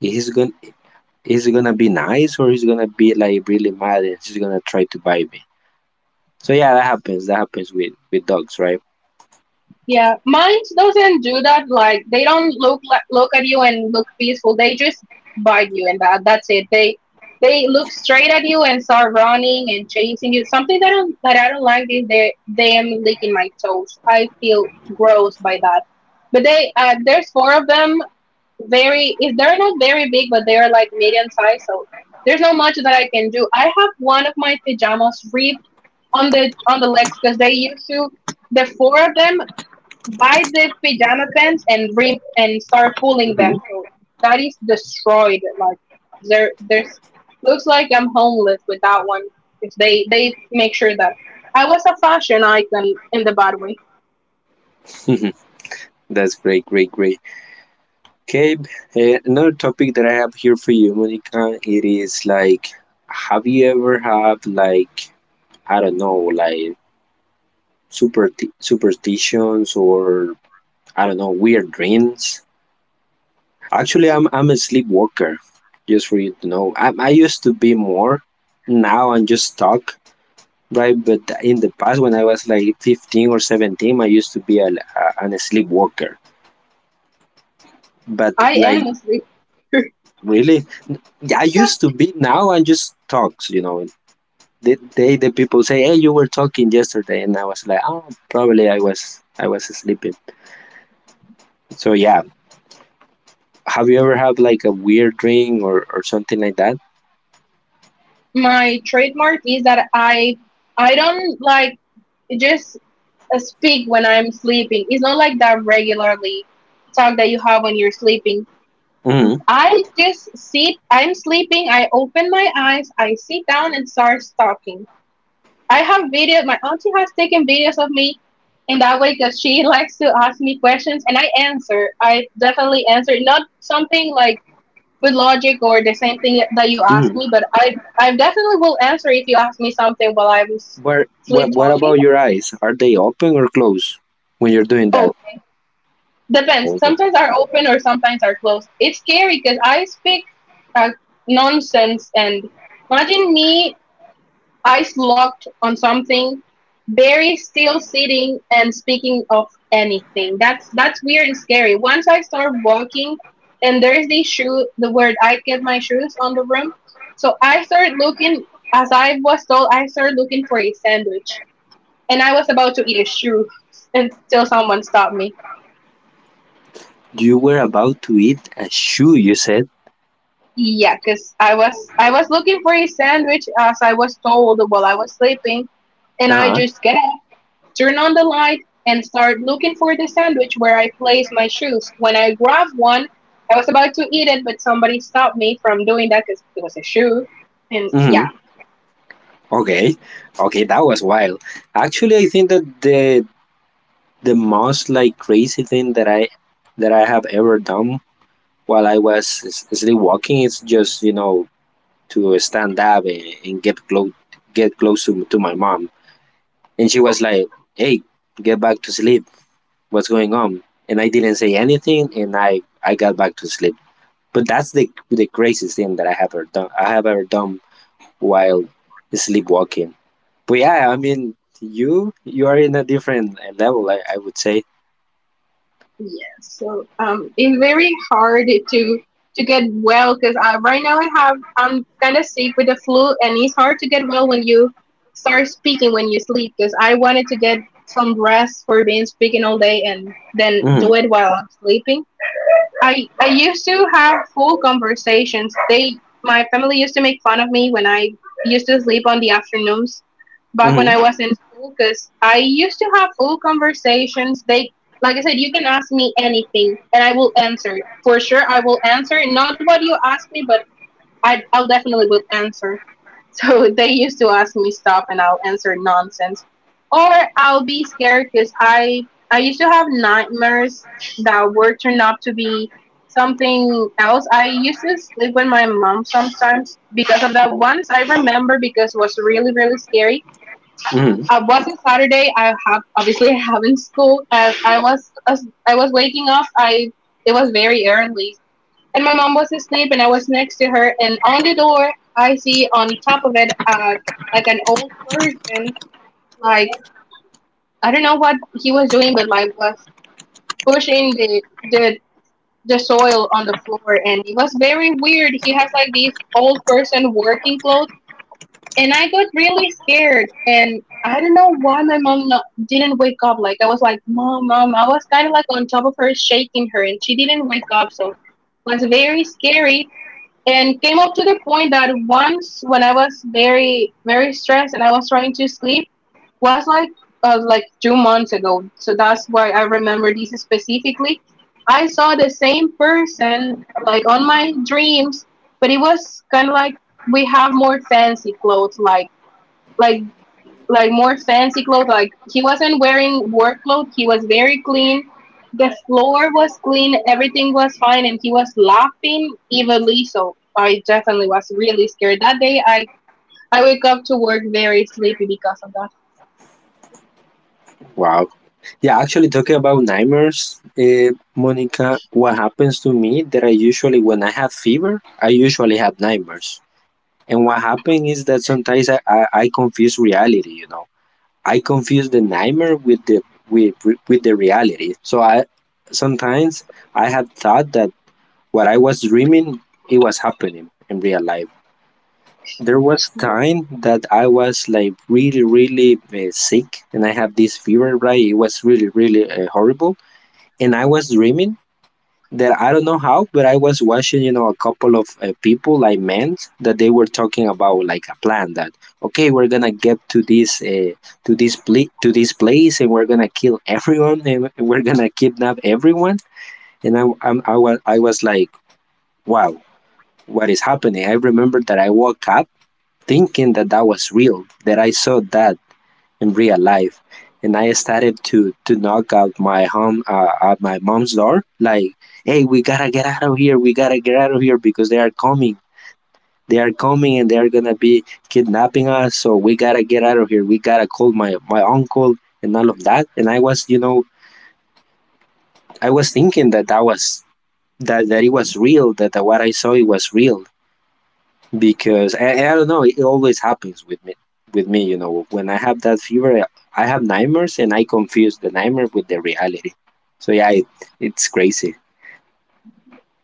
he's going to he's gonna be nice or he's gonna be like really mad and he's gonna try to bite me. So yeah, that happens. That happens with, with dogs, right? Yeah, mine doesn't do that. Like they don't look like, look at you and look peaceful. They just bite you and that that's it. They they look straight at you and start running and chasing you. Something that I don't, that I don't like is they them licking my toes. I feel gross by that. But they uh, there's four of them. Very if they're not very big, but they are like medium size. So there's not much that I can do. I have one of my pajamas ripped on the on the legs because they used to the four of them buy the pajama pants and rip and start pulling them. Hmm. So that is destroyed. Like there, there's looks like I'm homeless with that one. If they they make sure that I was a fashion icon in the bad way. That's great, great, great. Okay, uh, another topic that I have here for you, Monica, it is like, have you ever had, like, I don't know, like super superstitions or I don't know, weird dreams. Actually, I'm I'm a sleepwalker. Just for you to know, I I used to be more. Now I'm just stuck, right? But in the past, when I was like fifteen or seventeen, I used to be a, a, an sleepwalker. But I like am a sleeper. really, yeah, I used to be. Now I'm just stuck. You know, they, they, the people say, "Hey, you were talking yesterday," and I was like, "Oh, probably I was I was sleeping." So yeah, have you ever had like a weird dream, or, or something like that? My trademark is that I I don't like just uh, speak when I'm sleeping. It's not like that regularly talk that you have when you're sleeping. Hmm, I just sit, I'm sleeping, I open my eyes, I sit down and start stalking. I have videos, my auntie has taken videos of me in that way because she likes to ask me questions and I answer. I definitely answer, not something like with logic or the same thing that you asked hmm. me, but I, I definitely will answer if you ask me something while I'm Where, what, sleep what talking. about your eyes? Are they open or closed when you're doing that? Depends. Over. Sometimes are open or sometimes are closed. It's scary because I speak uh, nonsense and imagine me eyes locked on something, very still sitting and speaking of anything. That's that's weird and scary. Once I start walking and there's the shoe the word I get my shoes on the room. So I started looking as I was told I started looking for a sandwich and I was about to eat a shoe until someone stopped me. You were about to eat a shoe, you said? Yeah, cause I was I was looking for a sandwich as I was told while I was sleeping, and I Uh-huh. just get up, turn on the light, and start looking for the sandwich where I placed my shoes. When I grabbed one, I was about to eat it, but somebody stopped me from doing that because it was a shoe, and Hmm. yeah, Okay. Okay, that was wild. Actually, I think that the the most like crazy thing that I that I have ever done while I was s- sleepwalking is just, you know, to stand up and, and get close get close to, to my mom. And she was like, hey, get back to sleep. What's going on? And I didn't say anything and I, I got back to sleep. But that's the, the craziest thing that I have ever done. I have ever done while sleepwalking. But yeah, I mean, you you are in a different uh, level, I, I would say. yes, so um, it's very hard to to get well because I right now I have I'm kind of sick with the flu, and it's hard to get well when you start speaking when you sleep. Because I wanted to get some rest for being speaking all day and then Hmm, do it while I'm sleeping. I I used to have full conversations. They my family used to make fun of me when I used to sleep on the afternoons back when hmm, I was in school because I used to have full conversations. They like I said, you can ask me anything and I will answer. For sure I will answer. Not what you ask me, but I I'll definitely will answer. So they used to ask me stuff and I'll answer nonsense. Or I'll be scared because I I used to have nightmares that were turned out to be something else. I used to sleep with my mom sometimes because of that. Once I remember because it was really, really scary. hmm. It was not Saturday? I have obviously having school. As I was as I was waking up, I it was very early, and my mom was asleep and I was next to her and on the door I see on top of it uh like an old person like I don't know what he was doing but like was pushing the the the soil on the floor and it was very weird. He has like these old person working clothes and I got really scared and I don't know why my mom not, didn't wake up. Like I was like, mom, mom. I was kind of like on top of her, shaking her, and she didn't wake up. So was very scary and came up to the point that once when I was very very stressed and I was trying to sleep was like uh, like two months ago. So that's why I remember this specifically. I saw the same person like on my dreams, but it was kind of like we have more fancy clothes, like like like more fancy clothes. Like he wasn't wearing work clothes. He was very clean. The floor was clean. Everything was fine, and he was laughing evilly. So I definitely was really scared that day. I I wake up to work very sleepy because of that. Wow. Yeah, actually, talking about nightmares, uh, Monica, what happens to me that I usually, when I have fever, I usually have nightmares. And what happened is that sometimes I, I, I confuse reality, you know. I confuse the nightmare with the with with the reality. So I sometimes I had thought that what I was dreaming it was happening in real life. There was time that I was like really really uh, sick and I have this fever, right. It was really really uh, horrible and I was dreaming that I don't know how, but I was watching, you know, a couple of uh, people I met that they were talking about like a plan that okay, we're gonna get to this uh, to this pl- to this place and we're gonna kill everyone and we're gonna kidnap everyone. And I I'm, I was I was like, wow, what is happening? I remember that I woke up thinking that that was real, that I saw that in real life, and I started to to knock out my home uh, at my mom's door, like, "Hey, we gotta get out of here! We gotta get out of here because they are coming." They are coming and they are gonna be kidnapping us, so we gotta get out of here. We gotta call my, my uncle and all of that. And I was, you know, I was thinking that that was that, that it was real, that, that what I saw it was real. Because I, I don't know, it always happens with me with me you know, when I have that fever, I have nightmares and I confuse the nightmare with the reality. So yeah, it, it's crazy.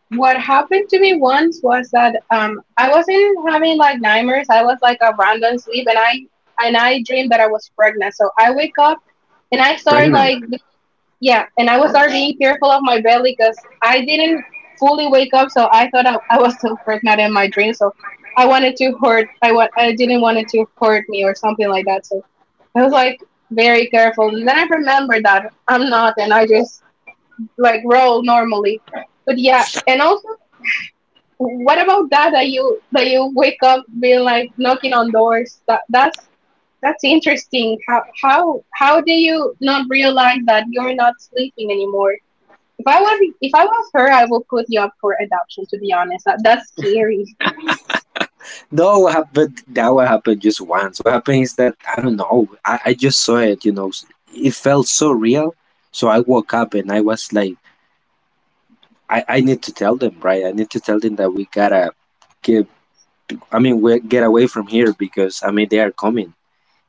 What happened to me once was that um I wasn't having like nightmares. I was like a random sleep, and I and I dreamed that I was pregnant. So I wake up and I started Pregnant? like Yeah, and I was started being fearful of my belly because I didn't fully wake up, so I thought I, I was still pregnant in my dream. So I wanted to hurt. I wa- I didn't want it to hurt me or something like that. So I was like very careful. And then I remembered that I'm not, and I just like roll normally. But yeah, and also, what about that? That you that you wake up being like knocking on doors. That that's that's interesting. How how how do you not realize that you're not sleeping anymore? If I were if I was her, I will put you up for adoption. To be honest, that, that's scary. No, what happened that what happened just once, what happened is that I don't know, i, I just saw it, you know, it felt so real, so I woke up and I was like, I, I need to tell them, right, I need to tell them that we gotta get, I mean, we get away from here because, I mean, they are coming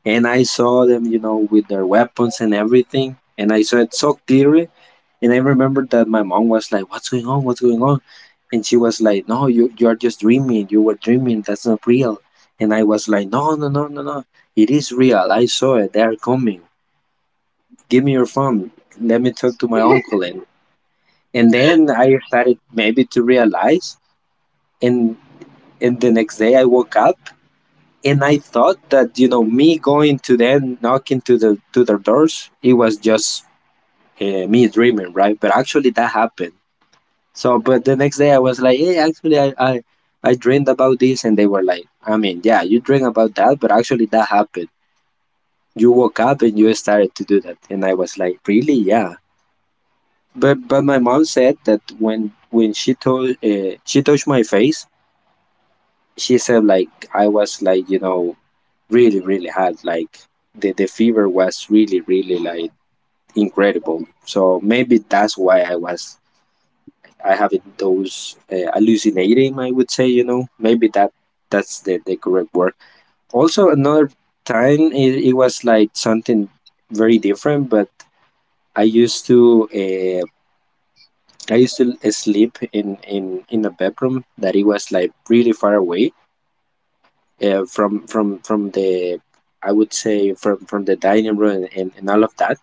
and I saw them, you know, with their weapons and everything, and I saw it so clearly. And I remember that my mom was like, "What's going on? What's going on?" And she was like, "No, you you are just dreaming. You were dreaming. That's not real." And I was like, "No, no, no, no, no. It is real. I saw it. They are coming. Give me your phone. Let me talk to my uncle." And and then I started maybe to realize. And and the next day I woke up and I thought that, you know, me going to them knocking to the to their doors, it was just uh, me dreaming, right? But actually that happened. So but the next day I was like, hey, actually, I, I I dreamed about this, and they were like, I mean, yeah, you dreamed about that, but actually that happened, you woke up and you started to do that. And I was like, really? Yeah, but but my mom said that when when she told uh, she touched my face, she said like I was like you know, really really hard, like the, the fever was really really like incredible, so maybe that's why i was I having those uh, hallucinating, I would say, you know, maybe that that's the, the correct word. Also, another time, it, it was like something very different, but i used to uh, I used to sleep in in in a bedroom that it was like really far away uh, from from from the, I would say, from from the dining room and, and all of that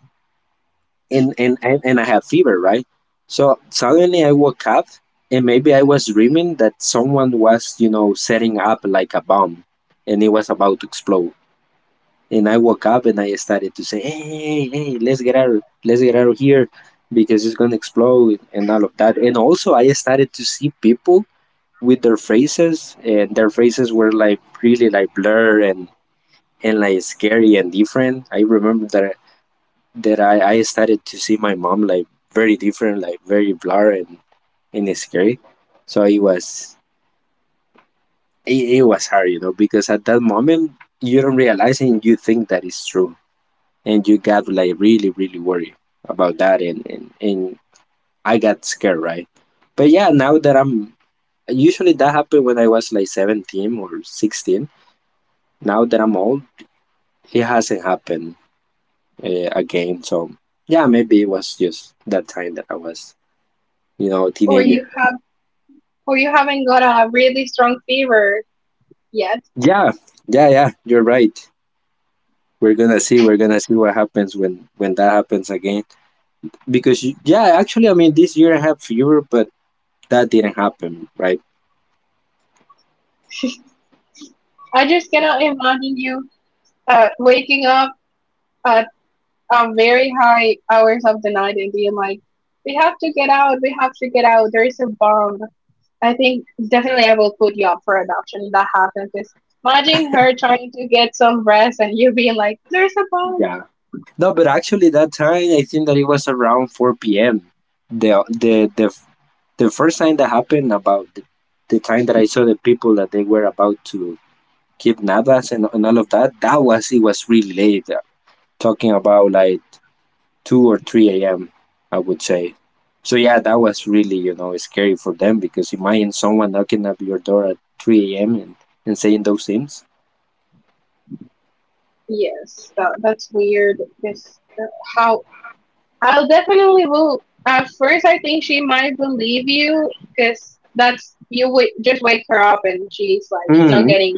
and and and, and I had fever, right? So suddenly I woke up and maybe I was dreaming that someone was, you know, setting up like a bomb and it was about to explode. And I woke up and I started to say, hey, hey, hey, let's get out let's get out of here because it's gonna explode and all of that. And also I started to see people with their faces and their faces were like really like blurred and and like scary and different. I remember that that I, I started to see my mom like very different, like very blur and, and scary. So it was it, it was hard, you know, because at that moment you don't realize and you think that is true. And you got like really, really worried about that and, and, and I got scared, right? But yeah, now that I'm usually that happened when I was like seventeen or sixteen. Now that I'm old, it hasn't happened uh, again. So yeah, maybe it was just that time that I was, you know, a or you teenager. have or you haven't got a really strong fever yet. Yeah, yeah, yeah. You're right. We're gonna see. We're gonna see what happens when when that happens again. Because you- yeah, actually, I mean, this year I have fever, but that didn't happen, right? I just cannot imagine you uh, waking up at a very high hours of the night and being like, "We have to get out. We have to get out. There is a bomb." I think definitely I will put you up for adoption if that happens. 'Cause imagine her trying to get some rest and you being like, "There's a bomb." Yeah. No, but actually, that time I think that it was around four p m. The the the the first time that happened about the, the time that I saw the people that they were about to kidnap us and, and all of that. That was it was really late. Talking about like two or three a m. I would say. So yeah, that was really you know scary for them because imagine someone knocking at your door at three a m and, and saying those things. Yes, that, that's weird. This uh, how I'll definitely will. At first, I think she might believe you because that's you w- just wake her up and she's like not hmm getting,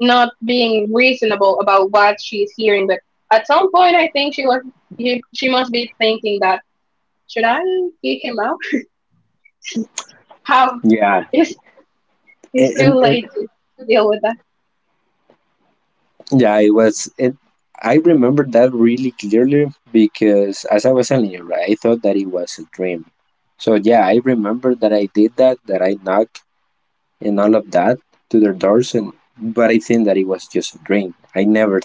not being reasonable about what she's hearing. But at some point, I think she was you- she must be thinking that should I kick him out? How Yeah, it's it's and, too and it late to deal with that. yeah, it was it. I remember that really clearly because as I was telling you, right, I thought that it was a dream. So yeah, I remember that I did that, that I knocked and all of that to their doors, and but I think that it was just a dream. I never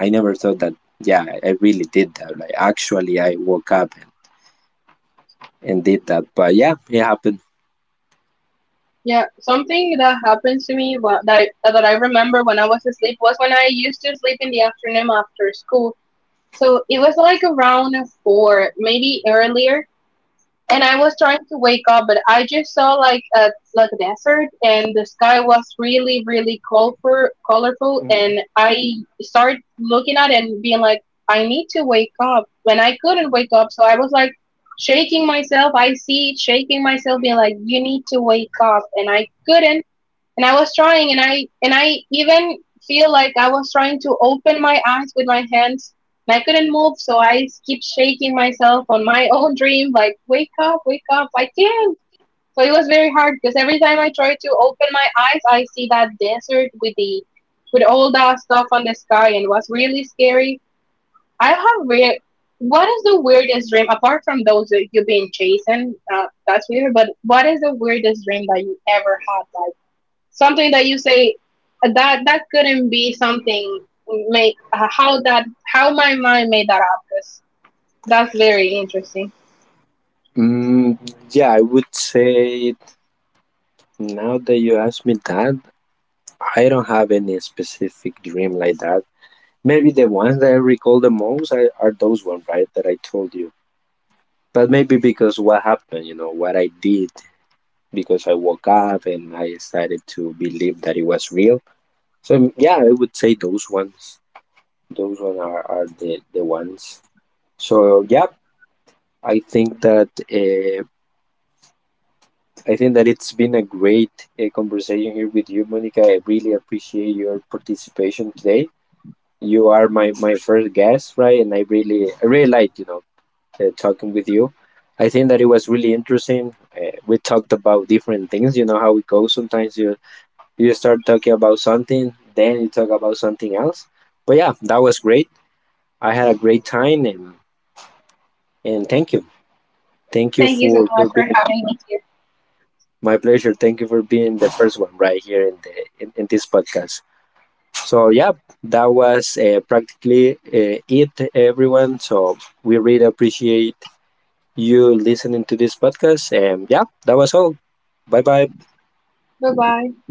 I never thought that. Yeah, I really did that. Like actually, I woke up and, and did that. But yeah, it happened. Yeah, something that happens to me wha- that I, that I remember when I was asleep was when I used to sleep in the afternoon after school. So it was like around four, maybe earlier, and I was trying to wake up, but I just saw like a like a desert, and the sky was really, really colorful, colorful, Mhm. and I started looking at it and being like, I need to wake up. When I couldn't wake up, so I was like shaking myself. I see it shaking myself, being like, "You need to wake up," and I couldn't and I was trying, and I and I even feel like I was trying to open my eyes with my hands, and I couldn't move, so I keep shaking myself on my own dream, like wake up, wake up, I can't. So it was very hard because every time I try to open my eyes, I see that desert with the with all that stuff on the sky, and it was really scary. I have weird. What is the weirdest dream apart from those that you've been chasing? Uh, that's weird. But what is the weirdest dream that you ever had? Like, something that you say uh, that that couldn't be something make uh, how that how my mind made that up, 'cause that's very interesting. Mm, yeah, I would say now that you ask me that, I don't have any specific dream like that. Maybe the ones that I recall the most are, are those ones, right, that I told you. But maybe because what happened, you know, what I did, because I woke up and I started to believe that it was real. So yeah, I would say those ones. Those ones are, are the, the ones. So yeah, I think that uh, I think that it's been a great uh, conversation here with you, Monica. I really appreciate your participation today. You are my, my first guest, right? And I really I really liked you know uh, talking with you. I think that it was really interesting. Uh, we talked about different things. You know how it goes. Sometimes you you start talking about something, then you talk about something else. But yeah, that was great. I had a great time, and and thank you, thank you Thank you so for for much for being. having me here. My pleasure. Thank you for being the first one right here in the in, in this podcast. So yeah, that was uh, practically uh, it, everyone. So we really appreciate you listening to this podcast. And yeah, that was all. Bye bye. Bye bye.